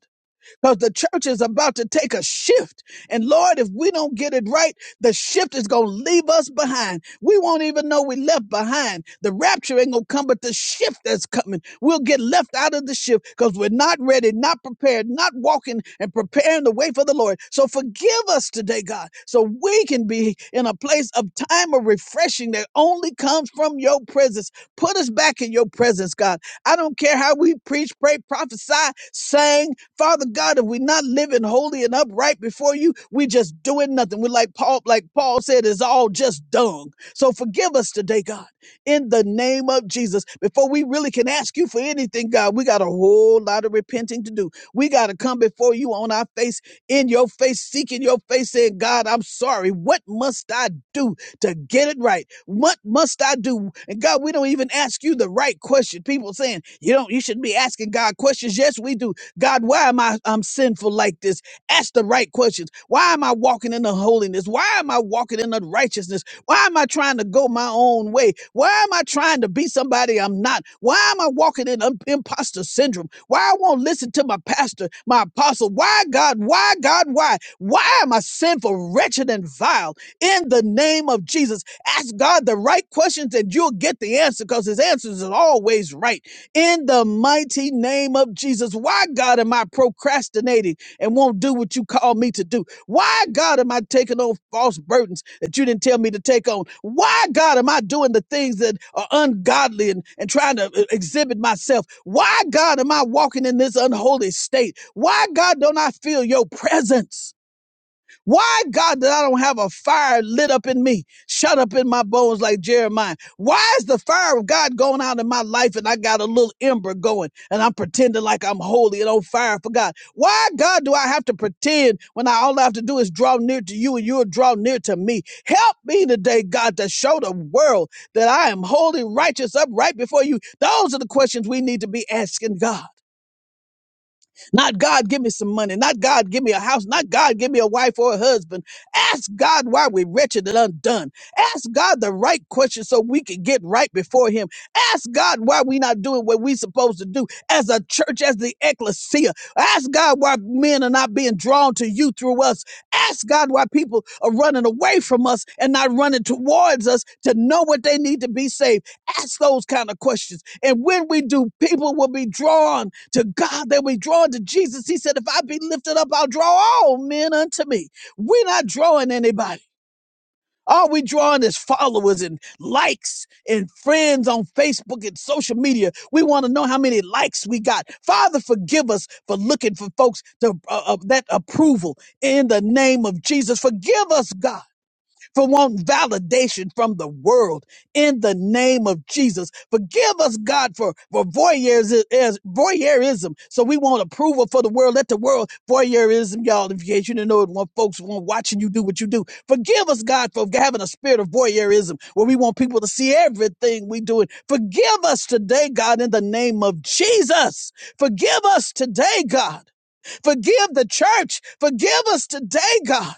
[SPEAKER 3] because the church is about to take a shift. And Lord, if we don't get it right, the shift is going to leave us behind. We won't even know we left behind. The rapture ain't going to come, but the shift that's coming, we'll get left out of the shift because we're not ready, not prepared, not walking and preparing the way for the Lord. So forgive us today, God, so we can be in a place of time of refreshing that only comes from your presence. Put us back in your presence, God. I don't care how we preach, pray, prophesy, sing, Father God, if we're not living holy and upright before you, we just doing nothing. We're like Paul, like Paul said, it's all just dung. So forgive us today, God, in the name of Jesus. Before we really can ask you for anything, God, we got a whole lot of repenting to do. We got to come before you on our face, in your face, seeking your face, saying, God, I'm sorry. What must I do to get it right? What must I do? And God, we don't even ask you the right question. People saying, you don't, you shouldn't be asking God questions. Yes, we do. God, why am I I'm sinful like this? Ask the right questions. Why am I walking in the holiness? Why am I walking in the righteousness? Why am I trying to go my own way? Why am I trying to be somebody I'm not? Why am I walking in um, imposter syndrome? Why I won't listen to my pastor, my apostle? Why God? Why God? Why? Why am I sinful, wretched, and vile? In the name of Jesus, ask God the right questions and you'll get the answer because his answers are always right in the mighty name of Jesus. Why, God, am I procrastinating and won't do what you call me to do? Why, God, am I taking on false burdens that you didn't tell me to take on? Why, God, am I doing the things that are ungodly and, and trying to uh, exhibit myself? Why, God, am I walking in this unholy state? Why, God, don't I feel your presence? Why, God, that I don't have a fire lit up in me, shut up in my bones like Jeremiah? Why is the fire of God going out in my life and I got a little ember going and I'm pretending like I'm holy and on fire for God? Why, God, do I have to pretend when I all I have to do is draw near to you and you'll draw near to me? Help me today, God, to show the world that I am holy, righteous, upright before you. Those are the questions we need to be asking God. Not God, give me some money. Not God, give me a house. Not God, give me a wife or a husband. Ask God why we're wretched and undone. Ask God the right question so we can get right before Him. Ask God why we're not doing what we're supposed to do as a church, as the ecclesia. Ask God why men are not being drawn to you through us. Ask God why people are running away from us and not running towards us to know what they need to be saved. Ask those kind of questions. And when we do, people will be drawn to God that we drawn to Jesus. He said, If I be lifted up, I'll draw all men unto me. We're not drawing anybody. All we drawing is followers and likes and friends on Facebook and social media. We want to know how many likes we got. Father, forgive us for looking for folks to uh, uh, that approval in the name of Jesus. Forgive us, God for want validation from the world in the name of Jesus. Forgive us, God, for, for voyeurism, voyeurism. So we want approval for the world. Let the world voyeurism, y'all, in case you didn't know it, want folks want watching you do what you do. Forgive us, God, for having a spirit of voyeurism where we want people to see everything we do. Forgive us today, God, in the name of Jesus. Forgive us today, God. Forgive the church. Forgive us today, God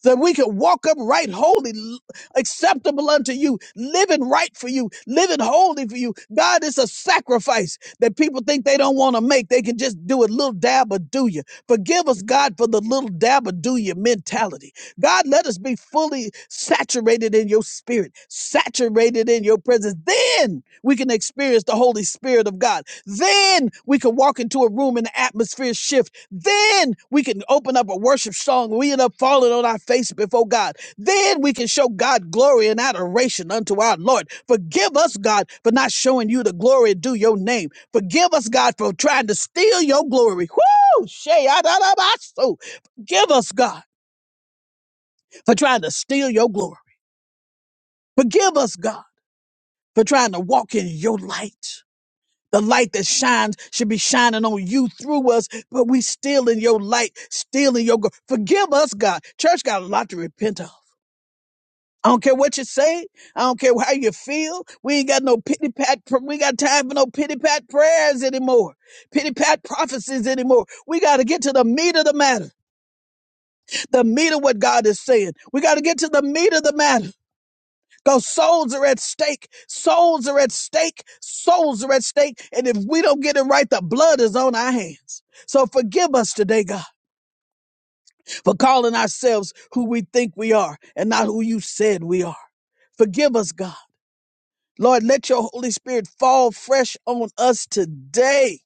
[SPEAKER 3] so that we can walk upright, holy, l- acceptable unto you, living right for you, living holy for you. God, it's a sacrifice that people think they don't want to make. They can just do a little dab or do you. Forgive us, God, for the little dab or do you mentality. God, let us be fully saturated in your spirit, saturated in your presence. Then we can experience the Holy Spirit of God. Then we can walk into a room and the atmosphere shifts then we can open up a worship song. We end up falling on our face before God. Then we can show God glory and adoration unto our Lord. Forgive us, God, for not showing you the glory due your name. Forgive us, God, for trying to steal your glory. Woo! Shay, ah, da, da, ba, so. Forgive us, God, for trying to steal your glory. Forgive us, God, for trying to walk in your light. The light that shines should be shining on you through us, but we still in your light, still in your. gl- Forgive us, God. Church got a lot to repent of. I don't care what you say. I don't care how you feel. We ain't got no pity pat. pr- We ain't got time for no pity pat prayers anymore. Pity pat prophecies anymore. We got to get to the meat of the matter. The meat of what God is saying. We got to get to the meat of the matter. Because souls are at stake. Souls are at stake. Souls are at stake. And if we don't get it right, the blood is on our hands. So forgive us today, God, for calling ourselves who we think we are and not who you said we are. Forgive us, God. Lord, let your Holy Spirit fall fresh on us today.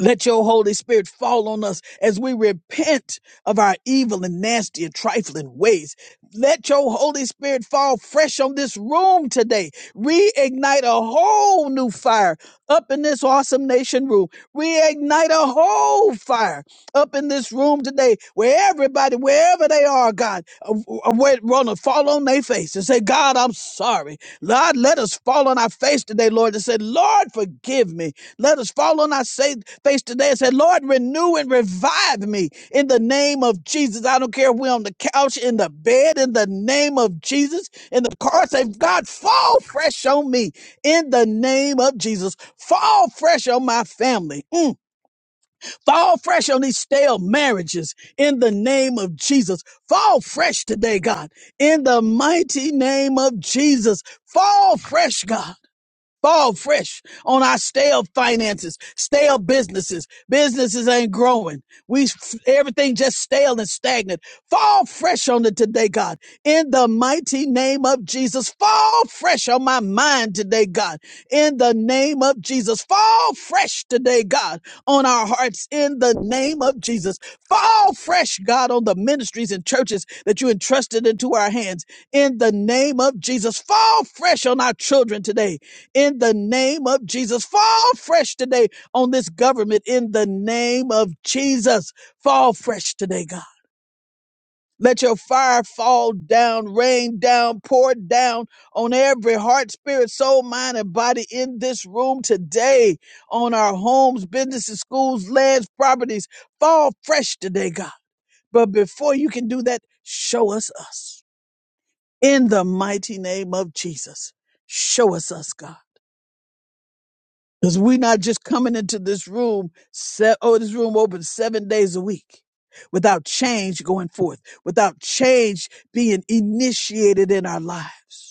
[SPEAKER 3] Let your Holy Spirit fall on us as we repent of our evil and nasty and trifling ways. Let your Holy Spirit fall fresh on this room today. Reignite a whole new fire up in this awesome nation room. Reignite a whole fire up in this room today, where everybody, wherever they are, God, want to fall on their face and say, God, I'm sorry. Lord, let us fall on our face today, Lord, and say, Lord, forgive me. Let us fall on our sa- face today and say, Lord, renew and revive me in the name of Jesus. I don't care if we're on the couch, in the bed, in the name of Jesus, in the car, say, God, fall fresh on me in the name of Jesus. Fall fresh on my family. Mm. Fall fresh on these stale marriages in the name of Jesus. Fall fresh today, God, in the mighty name of Jesus. Fall fresh, God fall fresh on our stale finances, stale businesses. Businesses ain't growing. We everything just stale and stagnant. Fall fresh on it today, God. In the mighty name of Jesus, fall fresh on my mind today, God. In the name of Jesus, fall fresh today, God, on our hearts. In the name of Jesus, fall fresh, God, on the ministries and churches that you entrusted into our hands. In the name of Jesus, fall fresh on our children today in the name of Jesus. Fall fresh today on this government in the name of Jesus. Fall fresh today, God. Let your fire fall down, rain down, pour down on every heart, spirit, soul, mind, and body in this room today, on our homes, businesses, schools, lands, properties. Fall fresh today, God. But before you can do that, show us us. In the mighty name of Jesus, show us us, God. Because we're not just coming into this room, se- oh, this room open seven days a week without change going forth, without change being initiated in our lives.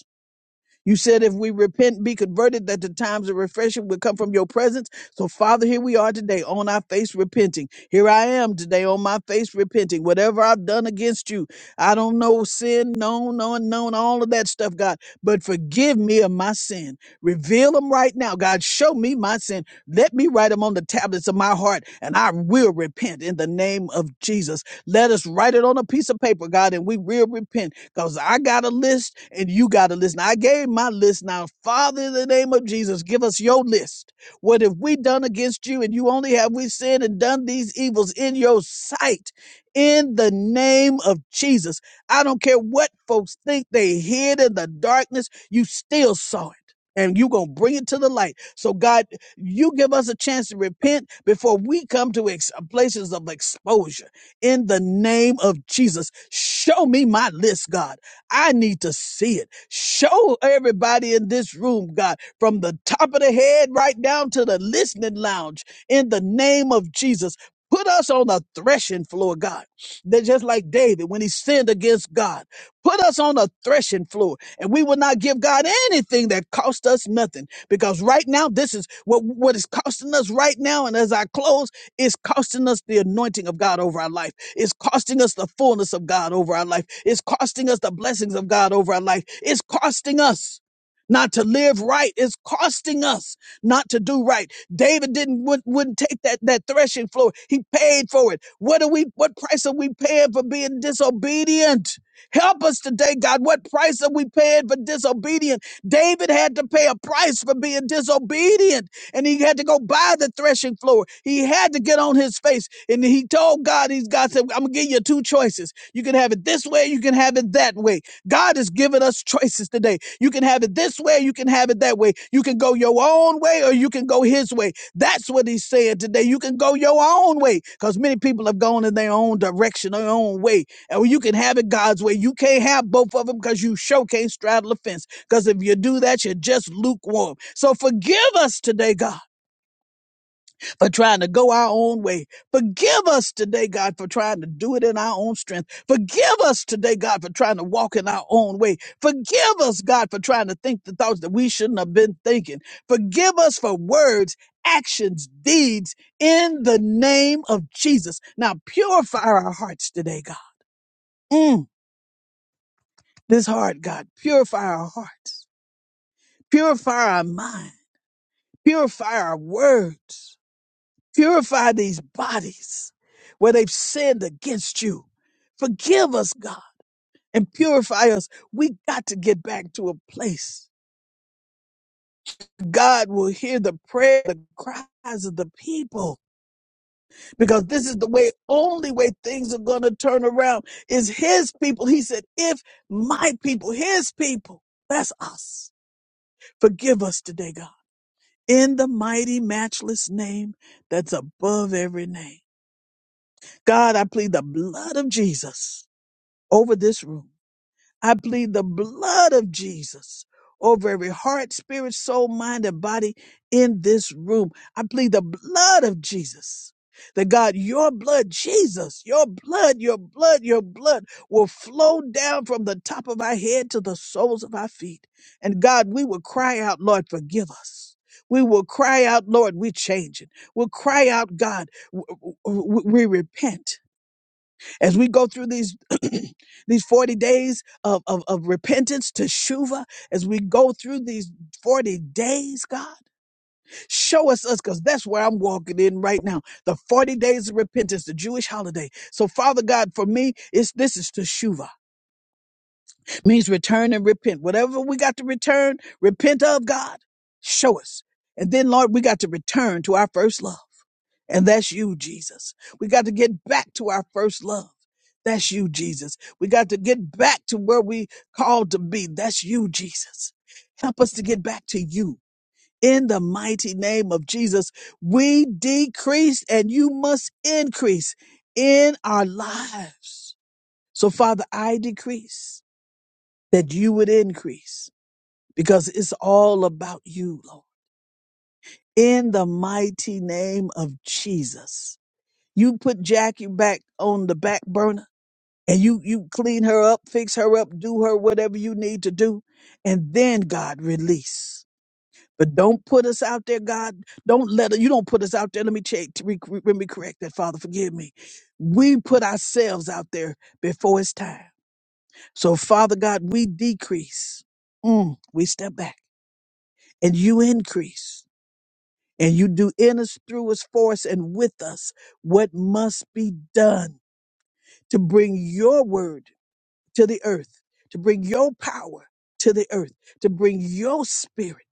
[SPEAKER 3] You said if we repent, and be converted, that the times of refreshing will come from your presence. So, Father, here we are today on our face repenting. Here I am today on my face repenting. Whatever I've done against you, I don't know sin, known, unknown, all of that stuff, God. But forgive me of my sin. Reveal them right now, God. Show me my sin. Let me write them on the tablets of my heart, and I will repent in the name of Jesus. Let us write it on a piece of paper, God, and we will repent because I got a list and you got a list. Now, I gave my list. Now, Father, in the name of Jesus, give us your list. What have we done against you? And you only have we sinned and done these evils in your sight. In the name of Jesus. I don't care what folks think they hid in the darkness, you still saw it. And you going to bring it to the light. So, God, you give us a chance to repent before we come to ex- places of exposure in the name of Jesus. Show me my list, God. I need to see it. Show everybody in this room, God, from the top of the head right down to the listening lounge in the name of Jesus. Put us on a threshing floor, God. That just like David when he sinned against God. Put us on a threshing floor and we will not give God anything that cost us nothing because right now this is what, what is costing us right now. And as I close, it's costing us the anointing of God over our life. It's costing us the fullness of God over our life. It's costing us the blessings of God over our life. It's costing us not to live right. It's costing us not to do right. David didn't wouldn't, wouldn't take that that threshing floor. He paid for it. What are we? What price are we paying for being disobedient? Help us today, God. What price are we paying for disobedient? David had to pay a price for being disobedient and he had to go by the threshing floor. He had to get on his face. And he told God, he's God said, I'm gonna give you two choices. You can have it this way, you can have it that way. God has given us choices today. You can have it this way, you can have it that way. You can go your own way or you can go his way. That's what he's saying today. You can go your own way because many people have gone in their own direction, their own way. And you can have it God's way. You can't have both of them because you sure can't straddle a fence. Because if you do that, you're just lukewarm. So forgive us today, God, for trying to go our own way. Forgive us today, God, for trying to do it in our own strength. Forgive us today, God, for trying to walk in our own way. Forgive us, God, for trying to think the thoughts that we shouldn't have been thinking. Forgive us for words, actions, deeds in the name of Jesus. Now purify our hearts today, God. Mm, this heart, God, purify our hearts, purify our minds Purify our words. Purify these bodies where they've sinned against you. Forgive us, God, and purify us. We got to get back to a place. God will hear the prayer, the cries of the people, because this is the way, only way things are going to turn around is His people. He said, if my people, His people, that's us. Forgive us today, God, in the mighty, matchless name that's above every name. God, I plead the blood of Jesus over this room. I plead the blood of Jesus over every heart, spirit, soul, mind, and body in this room. I plead the blood of Jesus. That God, your blood, Jesus, your blood, your blood, your blood will flow down from the top of our head to the soles of our feet. And God, we will cry out, Lord, forgive us. We will cry out, Lord, we change it. We'll cry out, God, w- w- w- we repent as we go through these these 40 days of, of, of repentance to shuva as we go through these 40 days god show us us because that's where i'm walking in right now the 40 days of repentance the jewish holiday so father god for me it's this is to shuva means return and repent whatever we got to return repent of god show us and then lord we got to return to our first love and that's you, Jesus. We got to get back to our first love. That's you, Jesus. We got to get back to where we called to be. That's you, Jesus. Help us to get back to you. In the mighty name of Jesus, we decrease and you must increase in our lives. So Father, I decrease that you would increase because it's all about you, Lord. In the mighty name of Jesus. You put Jackie back on the back burner and you, you clean her up, fix her up, do her whatever you need to do. And then God release. But don't put us out there, God. Don't let you don't put us out there. Let me check. re- re- Let me correct that, Father. Forgive me. We put ourselves out there before it's time. So, Father God, we decrease. Mm, we step back, and you increase, and you do in us, through us, for us, and with us what must be done to bring your word to the earth, to bring your power to the earth, to bring your spirit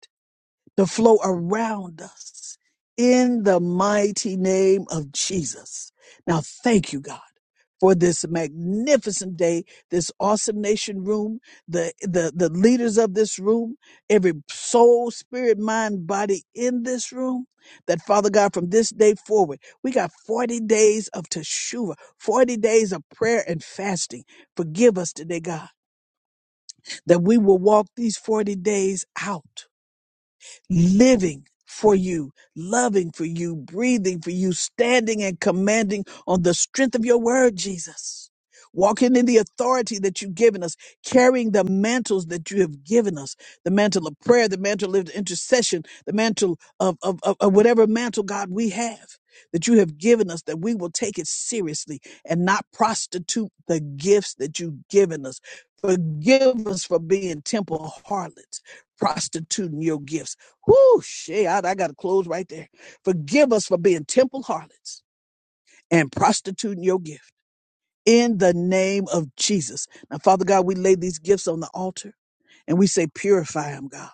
[SPEAKER 3] to flow around us in the mighty name of Jesus. Now, thank you, God. For this magnificent day, this awesome nation room, the, the, the leaders of this room, every soul, spirit, mind, body in this room, that Father God, from this day forward, we got 40 days of Teshuvah, 40 days of prayer and fasting. Forgive us today, God, that we will walk these 40 days out living for you, loving for you, breathing for you, standing and commanding on the strength of your word, Jesus. Walking in the authority that you've given us, carrying the mantles that you have given us the mantle of prayer, the mantle of intercession, the mantle of, of, of, of whatever mantle, God, we have that you have given us, that we will take it seriously and not prostitute the gifts that you've given us. Forgive us for being temple harlots, prostituting your gifts. Whoosh, yeah, I, I got to close right there. Forgive us for being temple harlots and prostituting your gift in the name of Jesus. Now, Father God, we lay these gifts on the altar and we say, purify them, God.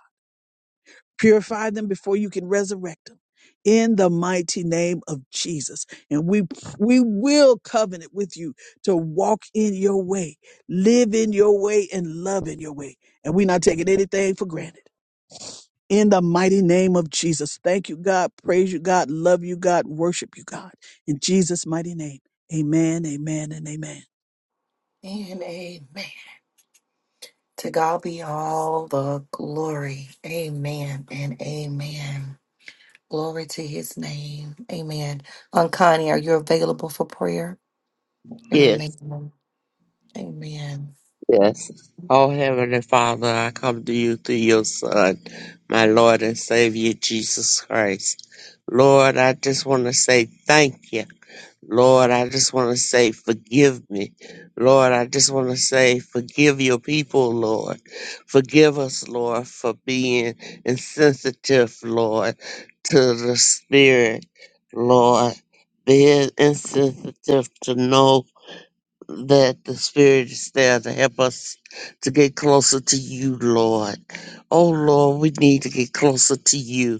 [SPEAKER 3] Purify them before you can resurrect them in the mighty name of Jesus. And we, we will covenant with you to walk in your way, live in your way and love in your way. And we're not taking anything for granted. in the mighty name of Jesus. Thank you, God. Praise you, God. Love you, God. Worship you, God. In Jesus' mighty name. Amen, amen, and amen.
[SPEAKER 1] And amen. To God be all the glory. Amen and amen. Glory to his name. Amen. Unconnie, are you available for prayer?
[SPEAKER 4] yes,
[SPEAKER 1] Amen. Amen.
[SPEAKER 4] yes. Oh, Heavenly Father, I come to you through your Son, my Lord and Savior, Jesus Christ. Lord, I just want to say thank you. Lord, I just want to say, forgive me. Lord, I just want to say, forgive your people, Lord. Forgive us, Lord, for being insensitive, Lord, to the Spirit, Lord. Being insensitive to know that the Spirit is there to help us to get closer to you, Lord. Oh, Lord, we need to get closer to you.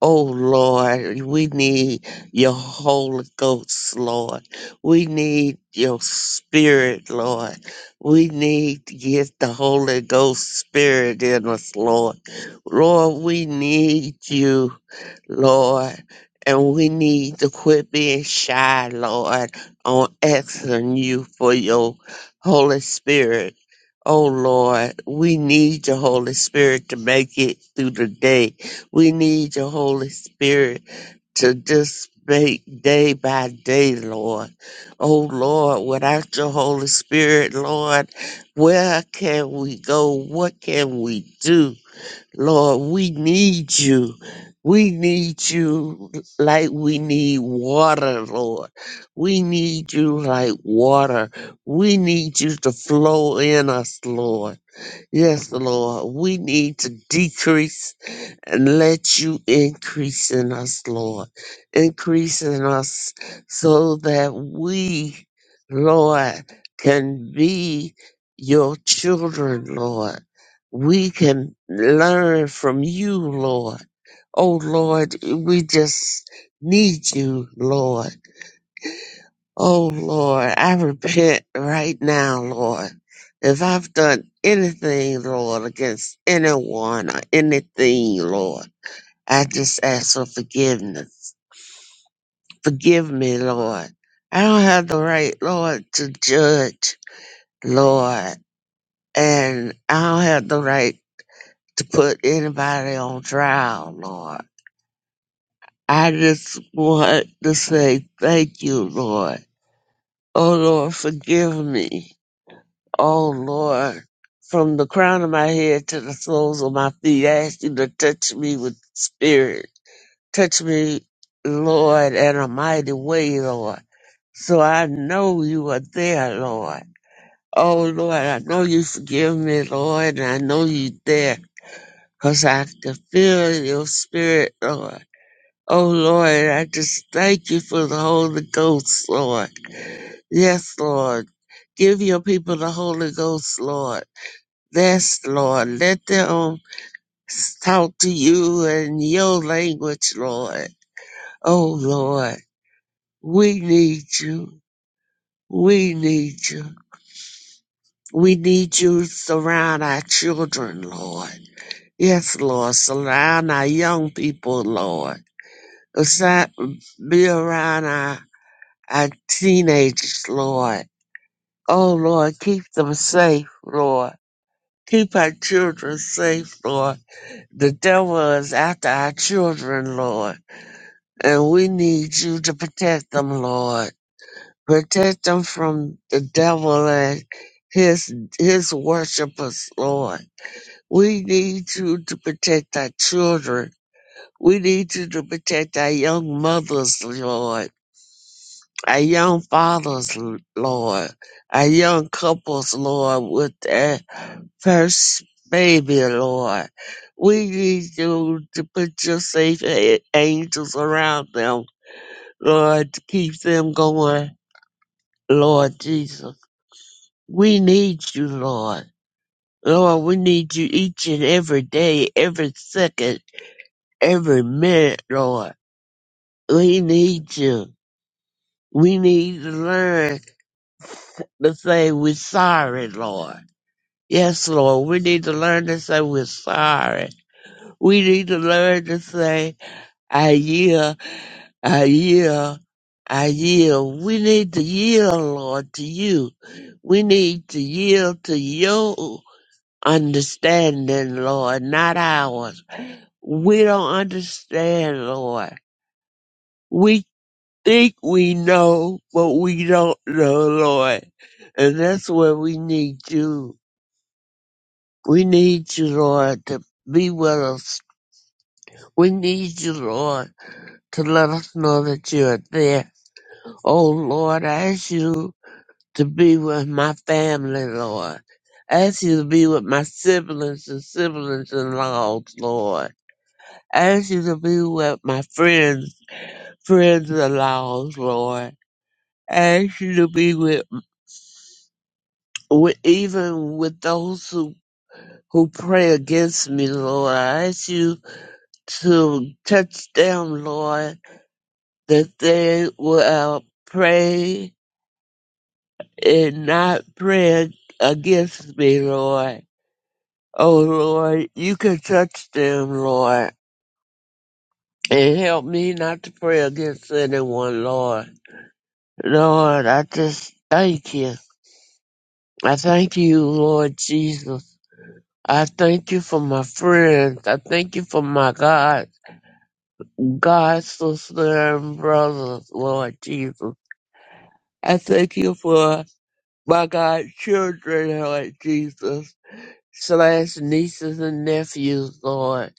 [SPEAKER 4] Oh Lord, we need your Holy Ghost, Lord. We need your Spirit, Lord. We need to get the Holy Ghost Spirit in us, Lord. Lord, we need you. Lord, and we need to quit being shy, Lord, on asking you for your Holy Spirit. Oh Lord, we need your Holy Spirit to make it through the day. We need your Holy Spirit to just make day by day, Lord. Oh Lord, without your Holy Spirit, Lord, where can we go? What can we do? Lord, we need you. We need you like we need water, Lord. We need you like water. We need you to flow in us, Lord. Yes, Lord. We need to decrease and let you increase in us, Lord. Increase in us so that we, Lord, can be your children, Lord. We can learn from you, Lord. Oh, Lord, we just need you, Lord. Oh, Lord, I repent right now, Lord. If I've done anything, Lord, against anyone or anything, Lord. I just ask for forgiveness. Forgive me, Lord. I don't have the right, Lord, to judge, Lord. And I don't have the right to put anybody on trial, Lord. I just want to say thank you, Lord. Oh, Lord, forgive me. Oh, Lord, from the crown of my head to the soles of my feet, I ask you to touch me with spirit. Touch me, Lord, in a mighty way, Lord. So I know you are there, Lord. Oh, Lord, I know you forgive me, Lord, and I know you there because I can feel your spirit, Lord. Oh, Lord, I just thank you for the Holy Ghost, Lord. Yes, Lord. Give your people the Holy Ghost, Lord. Yes, Lord. Let them talk to you in your language, Lord. Oh, Lord, we need you. We need you. We need you to surround our children, Lord. Yes, Lord. Surround our young people, Lord. Aside, be around our, our teenagers, Lord. Oh, Lord, keep them safe, Lord. Keep our children safe, Lord. The devil is after our children, Lord. And we need you to protect them, Lord. Protect them from the devil and his, his worshipers, Lord. We need you to protect our children. We need you to protect our young mothers, Lord, our young fathers, Lord, our young couples, Lord, with their first baby, Lord. We need you to put your safe a- angels around them, Lord, to keep them going, Lord Jesus. We need you, Lord. Lord, we need you each and every day, every second. every minute, Lord. We need you. We need to learn to say we're sorry, Lord. Yes, Lord. We need to learn to say we're sorry. We need to learn to say, I yield, I yield, I yield. We need to yield, Lord, to you. We need to yield to your understanding, Lord, not ours. We don't understand, Lord. We. think we know, but we don't know, Lord. And that's where we need you. We need you, Lord, to be with us. We need you, Lord, to let us know that you are there. Oh, Lord, I ask you to be with my family, Lord. I ask you to be with my siblings and siblings in laws, Lord. I ask you to be with my friends, friends in laws, Lord. I ask you to be with with, even with those who, who pray against me, Lord. I ask you to touch them, Lord, that they will pray and not pray against me, Lord. Oh, Lord, you can touch them, Lord, and help me not to pray against anyone, Lord. Lord, I just thank you. I thank you, Lord Jesus. I thank you for my friends. I thank you for my God. God, sister, and brothers, Lord Jesus. I thank you for my God, children, Lord Jesus, slash nieces and nephews, Lord,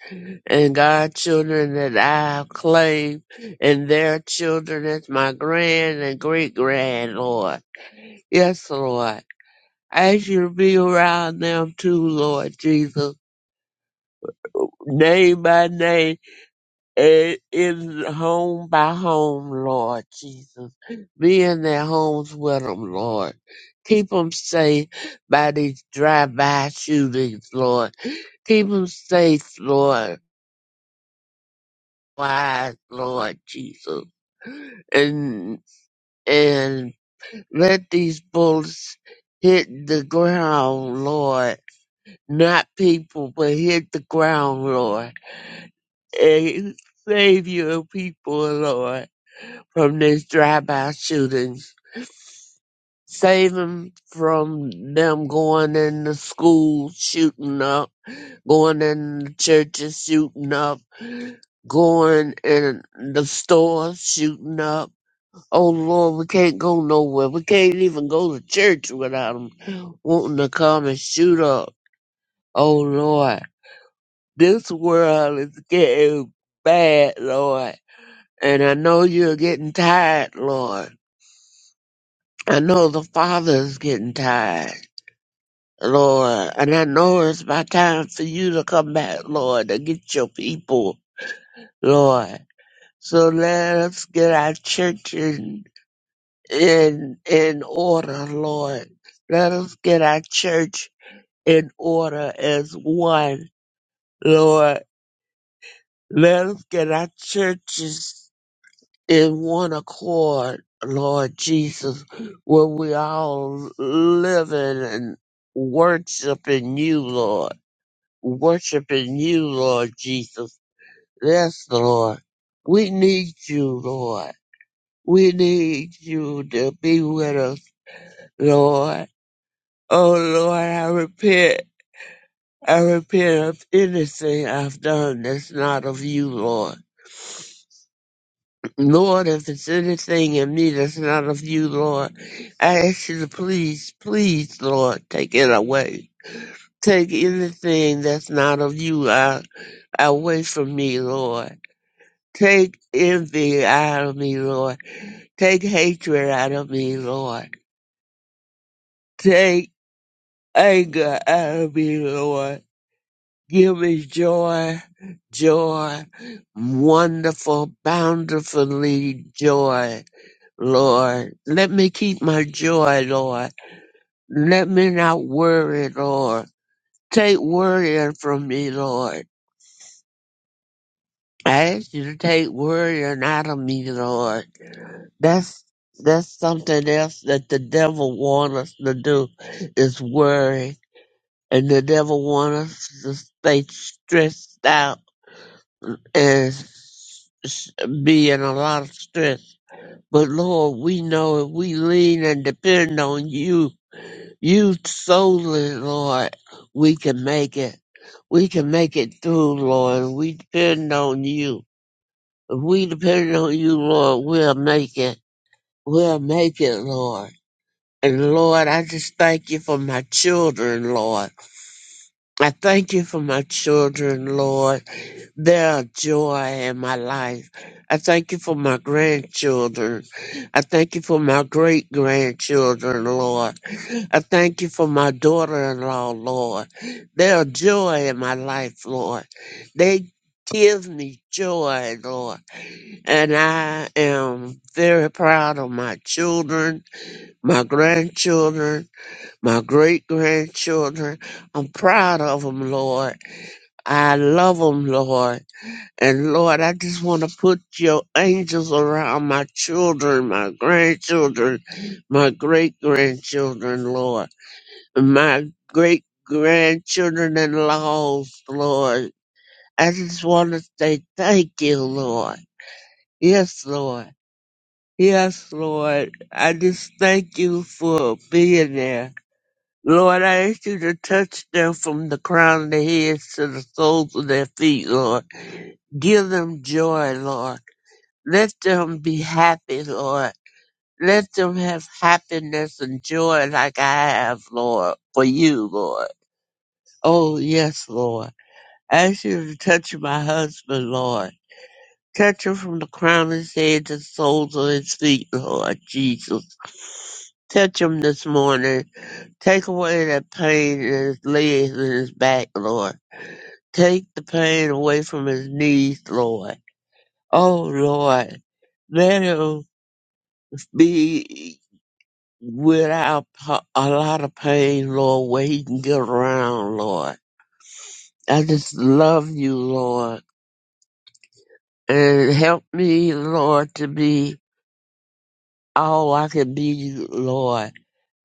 [SPEAKER 4] and God, children that I have claimed, and their children as my grand and great grand, Lord. Yes, Lord. I ask you to be around them too, Lord Jesus. Name by name It is home by home, Lord Jesus. Be in their homes with them, Lord. Keep them safe by these drive-by shootings, Lord. Keep them safe, Lord. Wise, Lord Jesus. And, and let these bullets hit the ground, Lord. Not people, but hit the ground, Lord. And save your people, Lord from these drive-by shootings. Save them from them going in the schools shooting up, going in the churches shooting up, going in the stores shooting up. Oh Lord, we can't go nowhere. We can't even go to church without them wanting to come and shoot up. Oh Lord, this world is getting bad, Lord. And I know you're getting tired, Lord. I know the Father's getting tired, Lord, and I know it's my time for you to come back, Lord, and get your people, Lord. So let us get our church in in in order, Lord. Let us get our church in order as one, Lord. Let us get our churches in one accord, Lord Jesus, where we all living and worshiping you, Lord. Worshiping you, Lord Jesus. Yes, Lord. We need you, Lord. We need you to be with us, Lord. Oh, Lord, I repent. I repent of anything I've done that's not of you, Lord. Lord, if it's anything in me that's not of you, Lord, I ask you to please, please, Lord, take it away. Take anything that's not of you out, away from me, Lord. Take envy out of me, Lord. Take hatred out of me, Lord. Take anger out of me, Lord. Give me joy, joy, wonderful, bountifully joy Lord. Let me keep my joy, Lord. Let me not worry, Lord. Take worrying from me, Lord. I ask you to take worrying out of me, Lord. That's that's something else that the devil wants us to do is worry. And the devil wants us to stay stressed out and s- s- be in a lot of stress. But Lord, we know if we lean and depend on you, You solely, Lord, we can make it. We can make it through, Lord. We depend on you. If we depend on you, Lord, we'll make it. We'll make it, Lord. And Lord, I just thank you for my children, Lord. I thank you for my children, Lord. They're a joy in my life. I thank you for my grandchildren. I thank you for my great grandchildren, Lord. I thank you for my daughter in law, Lord. They are joy in my life, Lord. They give me joy, Lord. And I am very proud of my children, my grandchildren, my great grandchildren. I'm proud of them, Lord. I love them, Lord. And Lord, I just want to put your angels around my children, my grandchildren, my great grandchildren, Lord my great grandchildren and laws, Lord. I just want to say thank you, Lord. Yes, Lord. Yes, Lord. I just thank you for being there. Lord, I ask you to touch them from the crown of their heads to the soles of their feet, Lord. Give them joy, Lord. Let them be happy, Lord. Let them have happiness and joy like I have, Lord, for you, Lord. Oh, yes, Lord. ask you to touch my husband, Lord. Touch him from the crown of his head to the soles of his feet, Lord Jesus. Touch him this morning. Take away that pain in his legs and his back, Lord. Take the pain away from his knees, Lord. Oh, Lord. Let him be without pa- a lot of pain, Lord, where he can get around, Lord. I just love you, Lord. And help me, Lord, to be all I can be, Lord.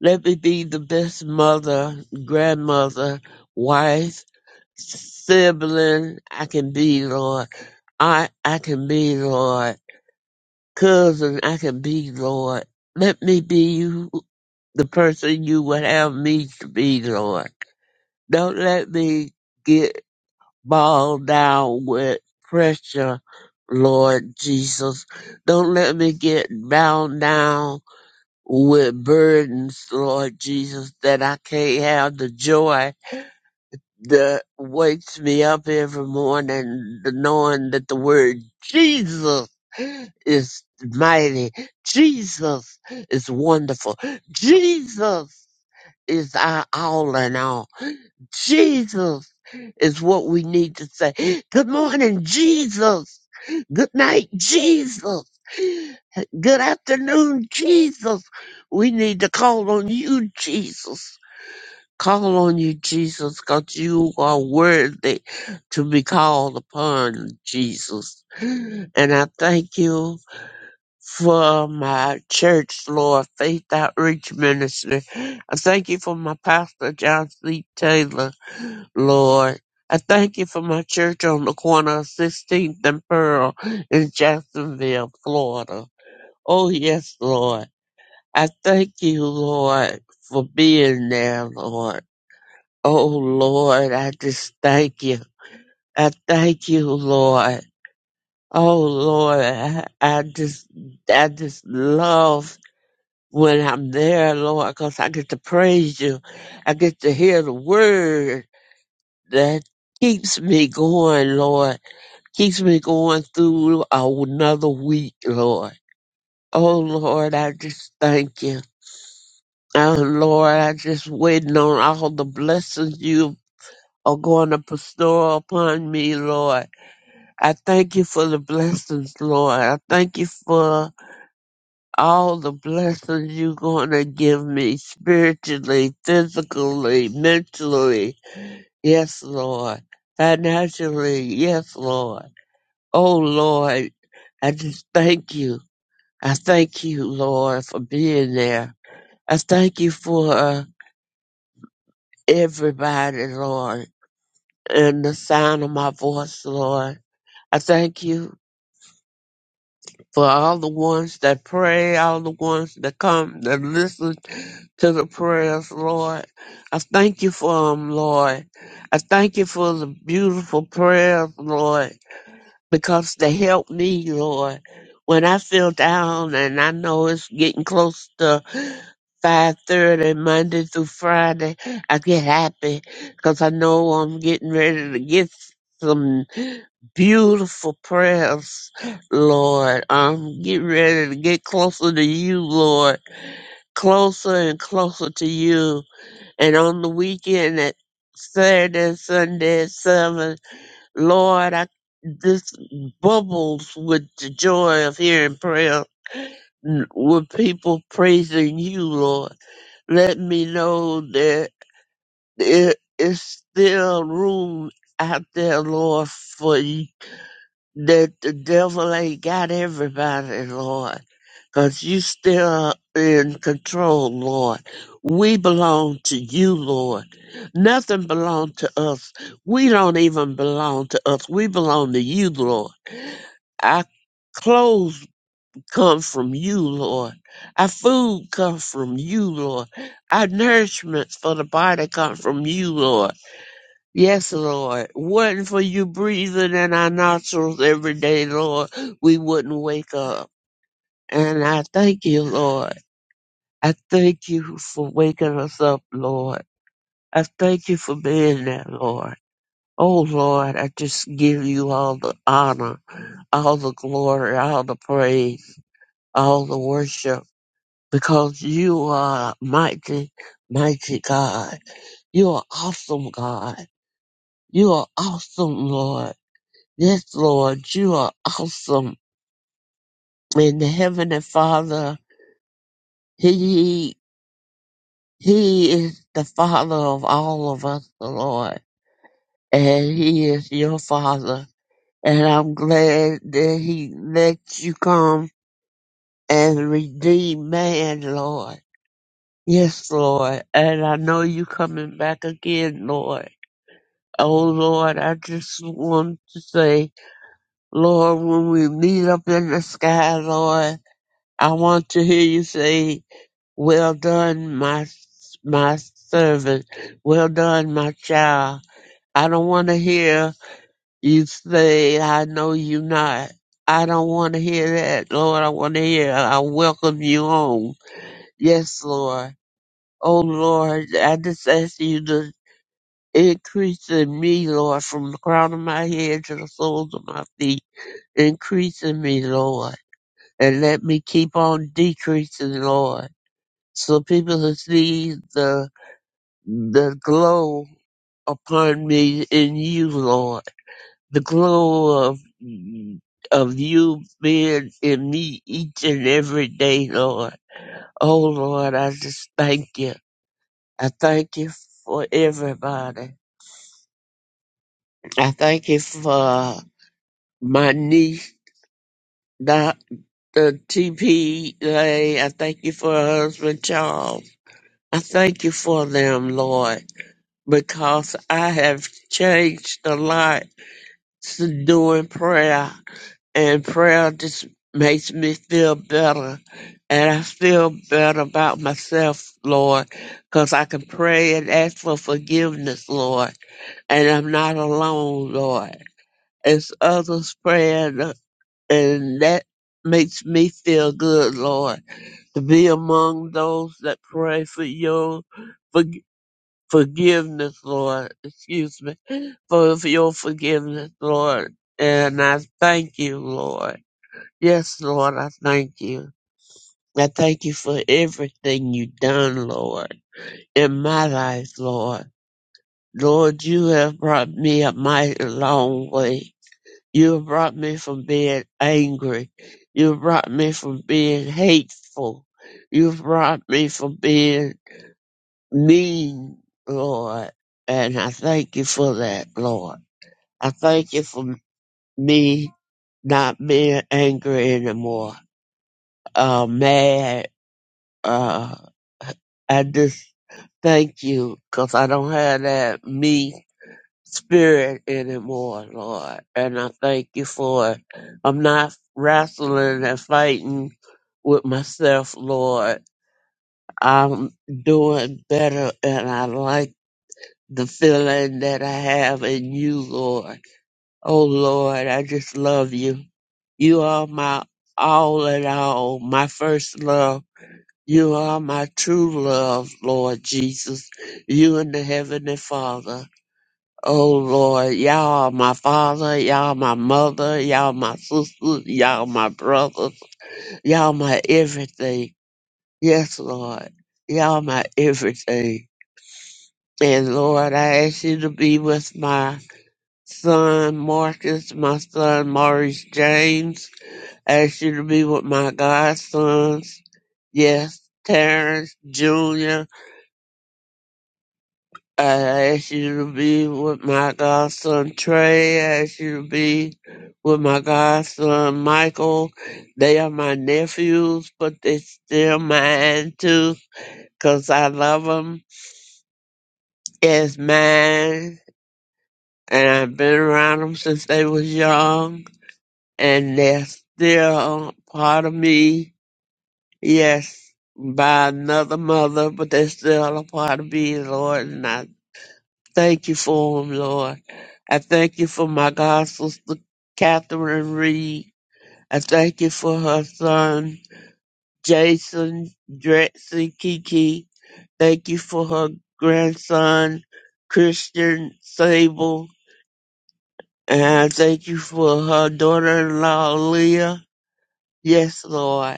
[SPEAKER 4] Let me be the best mother, grandmother, wife, sibling I can be, Lord. Aunt I can be, Lord. Cousin I can be, Lord. Let me be you, the person you would have me to be, Lord. Don't let me get bogged down with pressure, Lord Jesus. Don't let me get bound down with burdens, Lord Jesus, that I can't have the joy that wakes me up every morning, the knowing that the word Jesus is mighty, Jesus is wonderful, Jesus is our all in all, Jesus is what we need to say. Good morning, Jesus. Good night, Jesus. Good afternoon, Jesus. We need to call on you, Jesus. Call on you, Jesus, because you are worthy to be called upon, Jesus. And I thank you for my church, Lord, Faith Outreach Ministry. I thank you for my pastor, John C. Taylor, Lord. I thank you for my church on the corner of 16th and Pearl in Jacksonville, Florida. Oh, yes, Lord. I thank you, Lord, for being there, Lord. Oh, Lord, I just thank you. I thank you, Lord. Oh, Lord, I, I just, I just love when I'm there, Lord, 'cause I get to praise you. I get to hear the word that keeps me going, Lord, keeps me going through another week, Lord. Oh, Lord, I just thank you. Oh, Lord, I just waiting on all the blessings you are going to bestow upon me, Lord. I thank you for the blessings, Lord. I thank you for all the blessings you're going to give me spiritually, physically, mentally. Yes, Lord. Financially. Yes, Lord. Oh, Lord. I just thank you. I thank you, Lord, for being there. I thank you for uh, everybody, Lord, and the sound of my voice, Lord. I thank you for all the ones that pray, all the ones that come that listen to the prayers, Lord. I thank you for them, Lord. I thank you for the beautiful prayers, Lord, because they help me, Lord. When I feel down and I know it's getting close to 5.30 Monday through Friday, I get happy because I know I'm getting ready to get some. Beautiful prayers, Lord. I'm getting ready to get closer to you, Lord. Closer and closer to you. And on the weekend at Saturday and Sunday at seven, Lord, I this bubbles with the joy of hearing prayer n- with people praising you, Lord. Let me know that there is still room out there, Lord, for you that the devil ain't got everybody, Lord, 'cause you still are in control, Lord. We belong to you, Lord. Nothing belongs to us. We don't even belong to us. We belong to you, Lord. Our clothes come from you, Lord. Our food comes from you, Lord. Our nourishments for the body come from you, Lord. Yes, Lord. Wasn't for you breathing in our nostrils every day, Lord, we wouldn't wake up. And I thank you, Lord. I thank you for waking us up, Lord. I thank you for being there, Lord. Oh, Lord, I just give you all the honor, all the glory, all the praise, all the worship, because you are mighty, mighty God. You are awesome, God. You are awesome, Lord. Yes, Lord, you are awesome. And the Heavenly Father, He He is the Father of all of us, Lord. And He is your Father. And I'm glad that He let you come and redeem man, Lord. Yes, Lord. And I know you coming back again, Lord. Oh Lord, I just want to say, Lord, when we meet up in the sky, Lord, I want to hear you say Well done, my my servant. Well done, my child. I don't want to hear you say, "I know you not." I don't want to hear that, Lord. I want to hear, "I welcome you home." Yes, Lord. Oh, Lord, I just ask you to increase in me, Lord, from the crown of my head to the soles of my feet. Increase in me, Lord, and let me keep on decreasing, Lord, so people can see the the glow upon me in you, Lord. The glow of of you being in me each and every day, Lord. Oh Lord, I just thank you. I thank you for everybody. I thank you for my niece, Dr. TP. Lay. I thank you for her husband, Charles. I thank you for them, Lord, because I have changed a lot doing prayer, and prayer just makes me feel better. And I feel better about myself, Lord, because I can pray and ask for forgiveness, Lord. And I'm not alone, Lord. It's others praying, uh, and that makes me feel good, Lord, to be among those that pray for you forgiveness, Lord. Excuse me. For your forgiveness, Lord. And I thank you, Lord. Yes, Lord, I thank you. I thank you for everything you've done, Lord, in my life, Lord. Lord, you have brought me a mighty long way. You have brought me from being angry. You have brought me from being hateful. You've brought me from being me, Lord, and I thank you for that, Lord. I thank you for me not being angry anymore, uh, mad. Uh, I just thank you because I don't have that me spirit anymore, Lord, and I thank you for it. I'm not wrestling and fighting with myself, Lord. I'm doing better, and I like. the feeling that I have in you, Lord. Oh Lord, I just love you. You are my all in all, my first love. You are my true love, Lord Jesus. You and the Heavenly Father. Oh Lord, y'all are my father, y'all my mother, y'all my sisters, y'all my brothers, y'all my everything. Yes, Lord, y'all my everything. And Lord, I ask you to be with my son Marcus, my son Maurice James, ask you to be with my godsons. Yes, Terrence Jr., I ask you to be with my godson Trey, I ask you to be with my godson Michael. They are my nephews, but they still mine too, 'cause I love them. It's mine, and I've been around them since they was young and they're still part of me. Yes, by another mother, but they're still a part of me, Lord. And I thank you for them, Lord. I thank you for my God sister, Catherine Reed. I thank you for her son, Jason Drexy Kiki. Thank you for her grandson, Christian Sable. And I thank you for her daughter-in-law, Leah. Yes, Lord.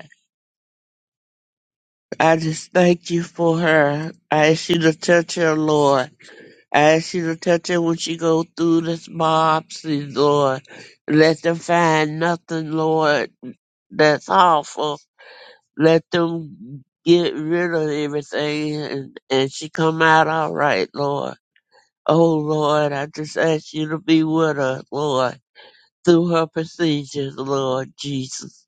[SPEAKER 4] I just thank you for her. I ask you to touch her, Lord. I ask you to touch her when she go through this mob scene, Lord. Let them find nothing, Lord, that's awful. Let them get rid of everything and, and she come out all right, Lord. Oh, Lord, I just ask you to be with her, Lord, through her procedures, Lord Jesus.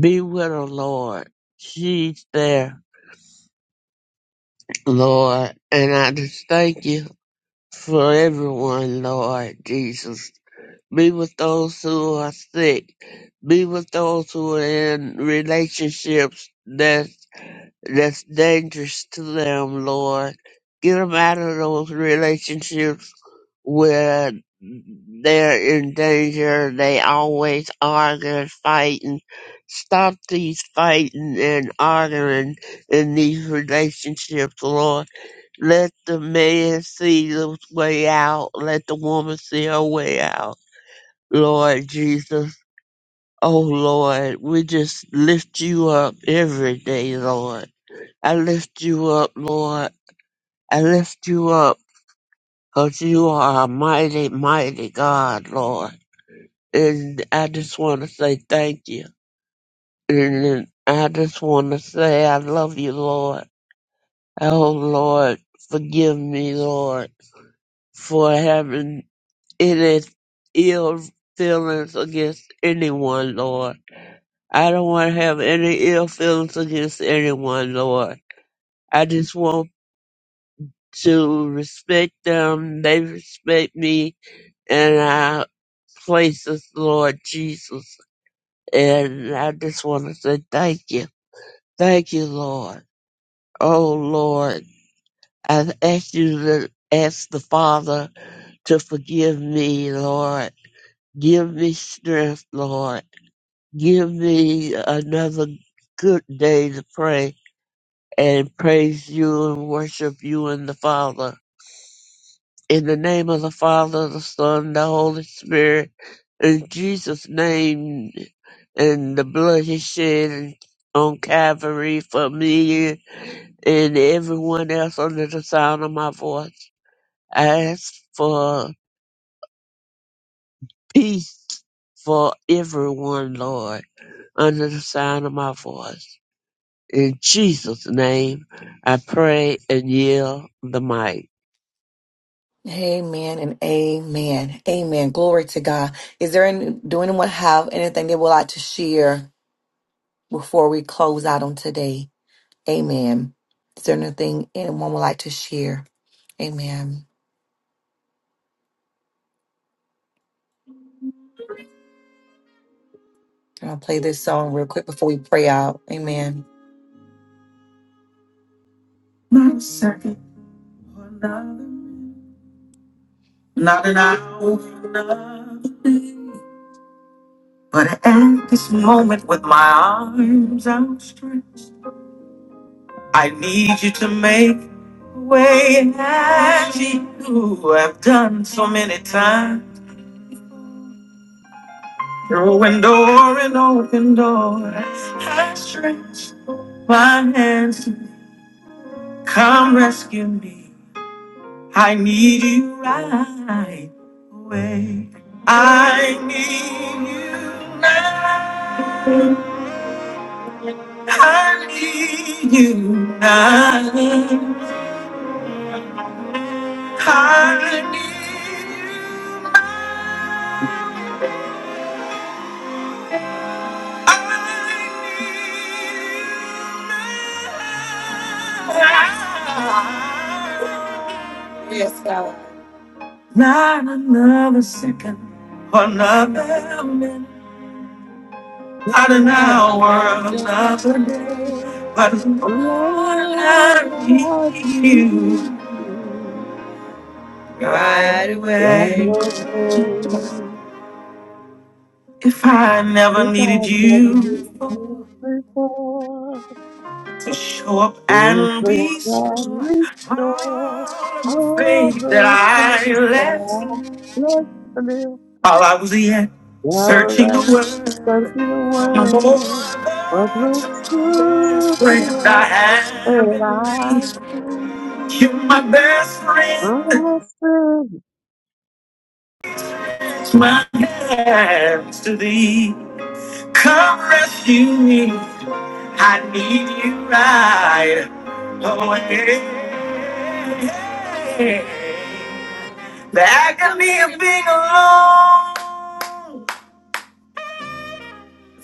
[SPEAKER 4] Be with her, Lord. She's there. Lord, and I just thank you for everyone, Lord Jesus. Be with those who are sick. Be with those who are in relationships that that's dangerous to them, Lord. Get them out of those relationships where they're in danger. They always arguing, fighting. Stop these fighting and arguing in these relationships, Lord let the man see his way out. Let the woman see her way out. Lord Jesus, oh Lord, we just lift you up every day, Lord. I lift you up, Lord. I lift you up because you are a mighty, mighty God, Lord. And I just want to say thank you. And then I just want to say I love you, Lord. Oh, Lord, forgive me, Lord, for having it is ill feelings against anyone, Lord. I don't want to have any ill feelings against anyone, Lord. I just want to respect them. They respect me in our places, Lord Jesus. And I just want to say thank you. Thank you, Lord. Oh, Lord. I ask you to ask the Father to forgive me, Lord. Give me strength, Lord. Give me another good day to pray and praise you and worship you and the Father. In the name of the Father, the Son, the Holy Spirit, in Jesus' name, and the blood he shed on Calvary for me and everyone else under the sound of my voice. I ask for peace for everyone, Lord, under the sound of my voice. In Jesus' name, I pray and yield the mic.
[SPEAKER 1] Amen and amen. Amen. Glory to God. Is there any, do anyone have anything they would like to share before we close out on today? Amen. Is there anything anyone would like to share? Amen. And I'll play this song real quick before we pray out. Amen. make a way at you. have done so many times. Throwing door and open door. I stretch my hands to come rescue me. I need you right away. I need you now. I need you now. I need you. Not another second, another minute, not an
[SPEAKER 4] Lord,
[SPEAKER 1] hour, another
[SPEAKER 4] Another
[SPEAKER 1] day,
[SPEAKER 4] day, Lord,
[SPEAKER 1] but Lord, I
[SPEAKER 4] I
[SPEAKER 1] need
[SPEAKER 4] need
[SPEAKER 1] you
[SPEAKER 4] you
[SPEAKER 1] right
[SPEAKER 4] right
[SPEAKER 1] away.
[SPEAKER 4] away.
[SPEAKER 1] If I never
[SPEAKER 4] If
[SPEAKER 1] needed
[SPEAKER 4] I've never given
[SPEAKER 1] you
[SPEAKER 4] you before,
[SPEAKER 1] to show up
[SPEAKER 4] this
[SPEAKER 1] and
[SPEAKER 4] will
[SPEAKER 1] be. seen,
[SPEAKER 4] I
[SPEAKER 1] All
[SPEAKER 4] restore
[SPEAKER 1] of the
[SPEAKER 4] all
[SPEAKER 1] faith that
[SPEAKER 4] the
[SPEAKER 1] I
[SPEAKER 4] things
[SPEAKER 1] left
[SPEAKER 4] that I
[SPEAKER 1] while I was yet searching
[SPEAKER 4] lost.
[SPEAKER 1] the world.
[SPEAKER 4] Come to the
[SPEAKER 1] I'm more
[SPEAKER 4] world
[SPEAKER 1] than
[SPEAKER 4] of looks
[SPEAKER 1] the best
[SPEAKER 4] to the
[SPEAKER 1] friend I
[SPEAKER 4] world
[SPEAKER 1] have
[SPEAKER 4] that
[SPEAKER 1] in thee.
[SPEAKER 4] I
[SPEAKER 1] You're my
[SPEAKER 4] see.
[SPEAKER 1] best friend,
[SPEAKER 4] My son
[SPEAKER 1] my hands to thee. Come rescue me, I need you right away. There can be a being alone.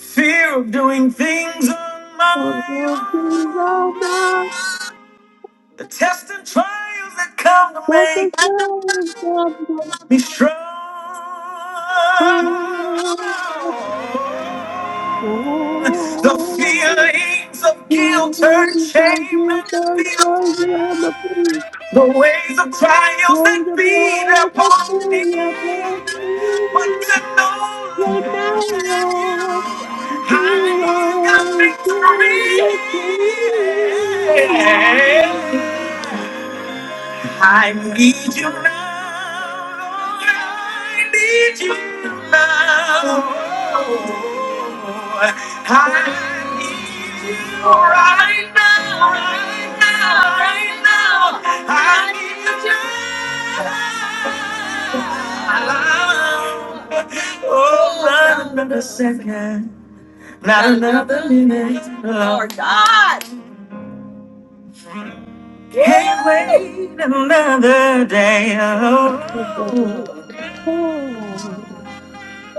[SPEAKER 1] Fear of doing things on
[SPEAKER 4] will be
[SPEAKER 1] my
[SPEAKER 4] the one
[SPEAKER 1] own. The tests and trials that come to
[SPEAKER 4] that the
[SPEAKER 1] make
[SPEAKER 4] glory of the
[SPEAKER 1] me strong.
[SPEAKER 4] Father.
[SPEAKER 1] The feelings of
[SPEAKER 4] He
[SPEAKER 1] guilt, hurt,
[SPEAKER 4] is the
[SPEAKER 1] shame, and
[SPEAKER 4] gift of
[SPEAKER 1] fear.
[SPEAKER 4] the peace,
[SPEAKER 1] The waves of trials
[SPEAKER 4] and
[SPEAKER 1] that
[SPEAKER 4] the
[SPEAKER 1] beat
[SPEAKER 4] blood of the
[SPEAKER 1] upon me.
[SPEAKER 4] sea upon me.
[SPEAKER 1] But to know,
[SPEAKER 4] You're my
[SPEAKER 1] Lord, that you,
[SPEAKER 4] Lord. You
[SPEAKER 1] I've
[SPEAKER 4] are who you be.
[SPEAKER 1] got victory. I need you now. I need you now. I need you right now. Right now. Right now. I need you right now. Oh, not another second. Not another minute. Lord God. Can't wait another day. Oh.
[SPEAKER 4] Oh,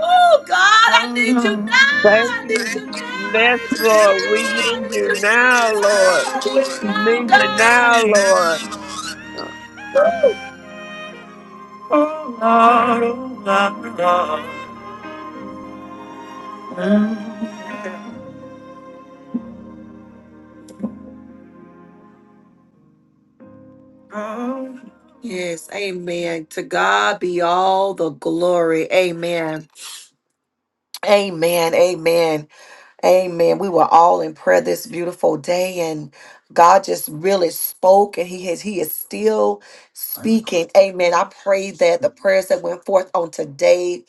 [SPEAKER 1] Oh God, I need you now.
[SPEAKER 4] Thank
[SPEAKER 1] I need
[SPEAKER 4] you,
[SPEAKER 1] you now. I
[SPEAKER 4] yes, Lord. We need
[SPEAKER 1] need
[SPEAKER 4] you now, Lord.
[SPEAKER 1] you now. I need you
[SPEAKER 4] We
[SPEAKER 1] now,
[SPEAKER 4] need
[SPEAKER 1] God.
[SPEAKER 4] you
[SPEAKER 1] I need
[SPEAKER 4] now,
[SPEAKER 1] you now, God.
[SPEAKER 4] Lord.
[SPEAKER 1] Yes, amen. To God be all the glory. Amen. Amen. Amen. Amen. We were all in prayer this beautiful day and God just really spoke and he has he is still speaking. Amen. I pray that the prayers that went forth on today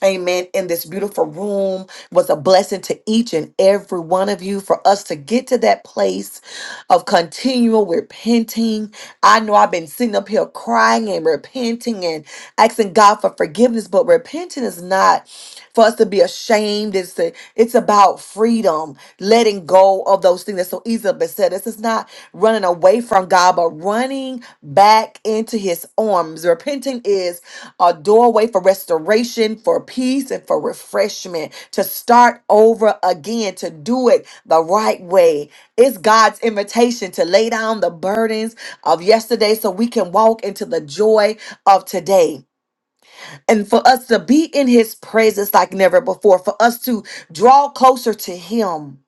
[SPEAKER 1] Amen. In this beautiful room was a blessing to each and every one of you for us to get to that place of continual repenting. I know I've been sitting up here crying and repenting and asking God for forgiveness, but repenting is not for us to be ashamed. It's a, it's about freedom, letting go of those things that so easily beset us. It's not running away from God, but running back into His arms. Repenting is a doorway for restoration, for peace, and for refreshment. To start over again, to do it the right way. It's God's invitation to lay down the burdens of yesterday so we can walk into the joy of today and for us to be in his presence like never before, for us to draw closer to him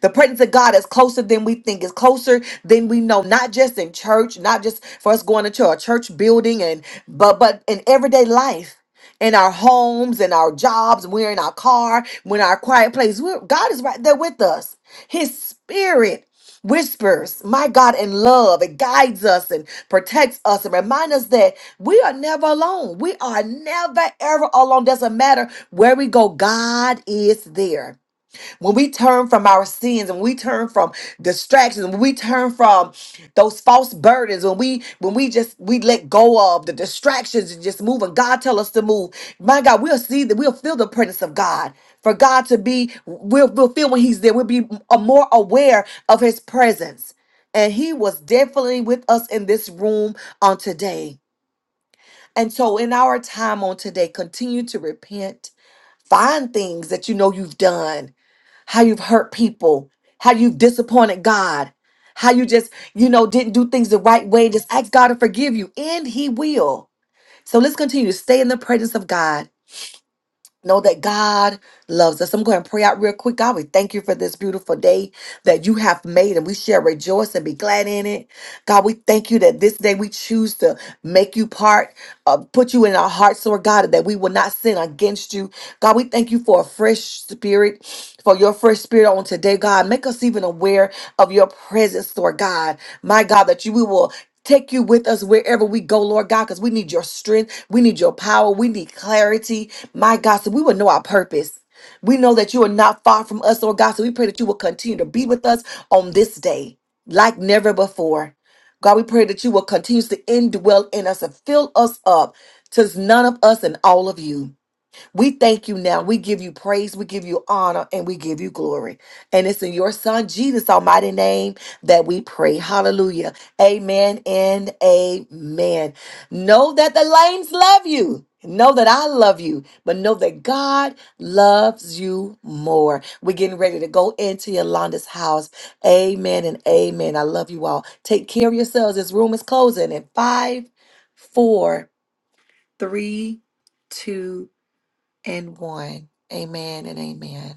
[SPEAKER 1] the presence of God is closer than we think. It's closer than we know. Not just in church, not just for us going into a church building, and but but in everyday life. In our homes, in our jobs, we're in our car, we're in our quiet place. We're, God is right there with us. His spirit whispers, my God, in love. It guides us and protects us and reminds us that we are never alone. We are never, ever alone. Doesn't matter where we go, God is there when we turn from our sins and we turn from distractions when we turn from those false burdens when we when we just we let go of the distractions and just move and god tell us to move my god we'll see that we'll feel the presence of god for god to be we'll, we'll feel when he's there we'll be a more aware of his presence and he was definitely with us in this room on today and so in our time on today continue to repent find things that you know you've done how you've hurt people, how you've disappointed God, how you just, you know, didn't do things the right way. Just ask God to forgive you, and He will. So let's continue to stay in the presence of God Know that God loves us. I'm going to pray out real quick. God, we thank you for this beautiful day that you have made, and we shall rejoice and be glad in it. God, we thank you that this day we choose to make you part, uh, put you in our hearts, Lord God, that we will not sin against you. God, we thank you for a fresh spirit, for your fresh spirit on today, God. Make us even aware of your presence, Lord God. My God, that you we will Take you with us wherever we go, Lord God, because we need your strength. We need your power. We need clarity. My God, so we will know our purpose. We know that you are not far from us, Lord God. So we pray that you will continue to be with us on this day like never before. God, we pray that you will continue to indwell in us and fill us up to none of us and all of you. We thank you now. We give you praise, we give you honor, and we give you glory. And it's in your son Jesus' almighty name that we pray. Hallelujah. Amen and amen. Know that the lanes love you. Know that I love you, but know that God loves you more. We're getting ready to go into Yolanda's house. Amen and amen. I love you all. Take care of yourselves. This room is closing in five, four, three, two and one. Amen and amen.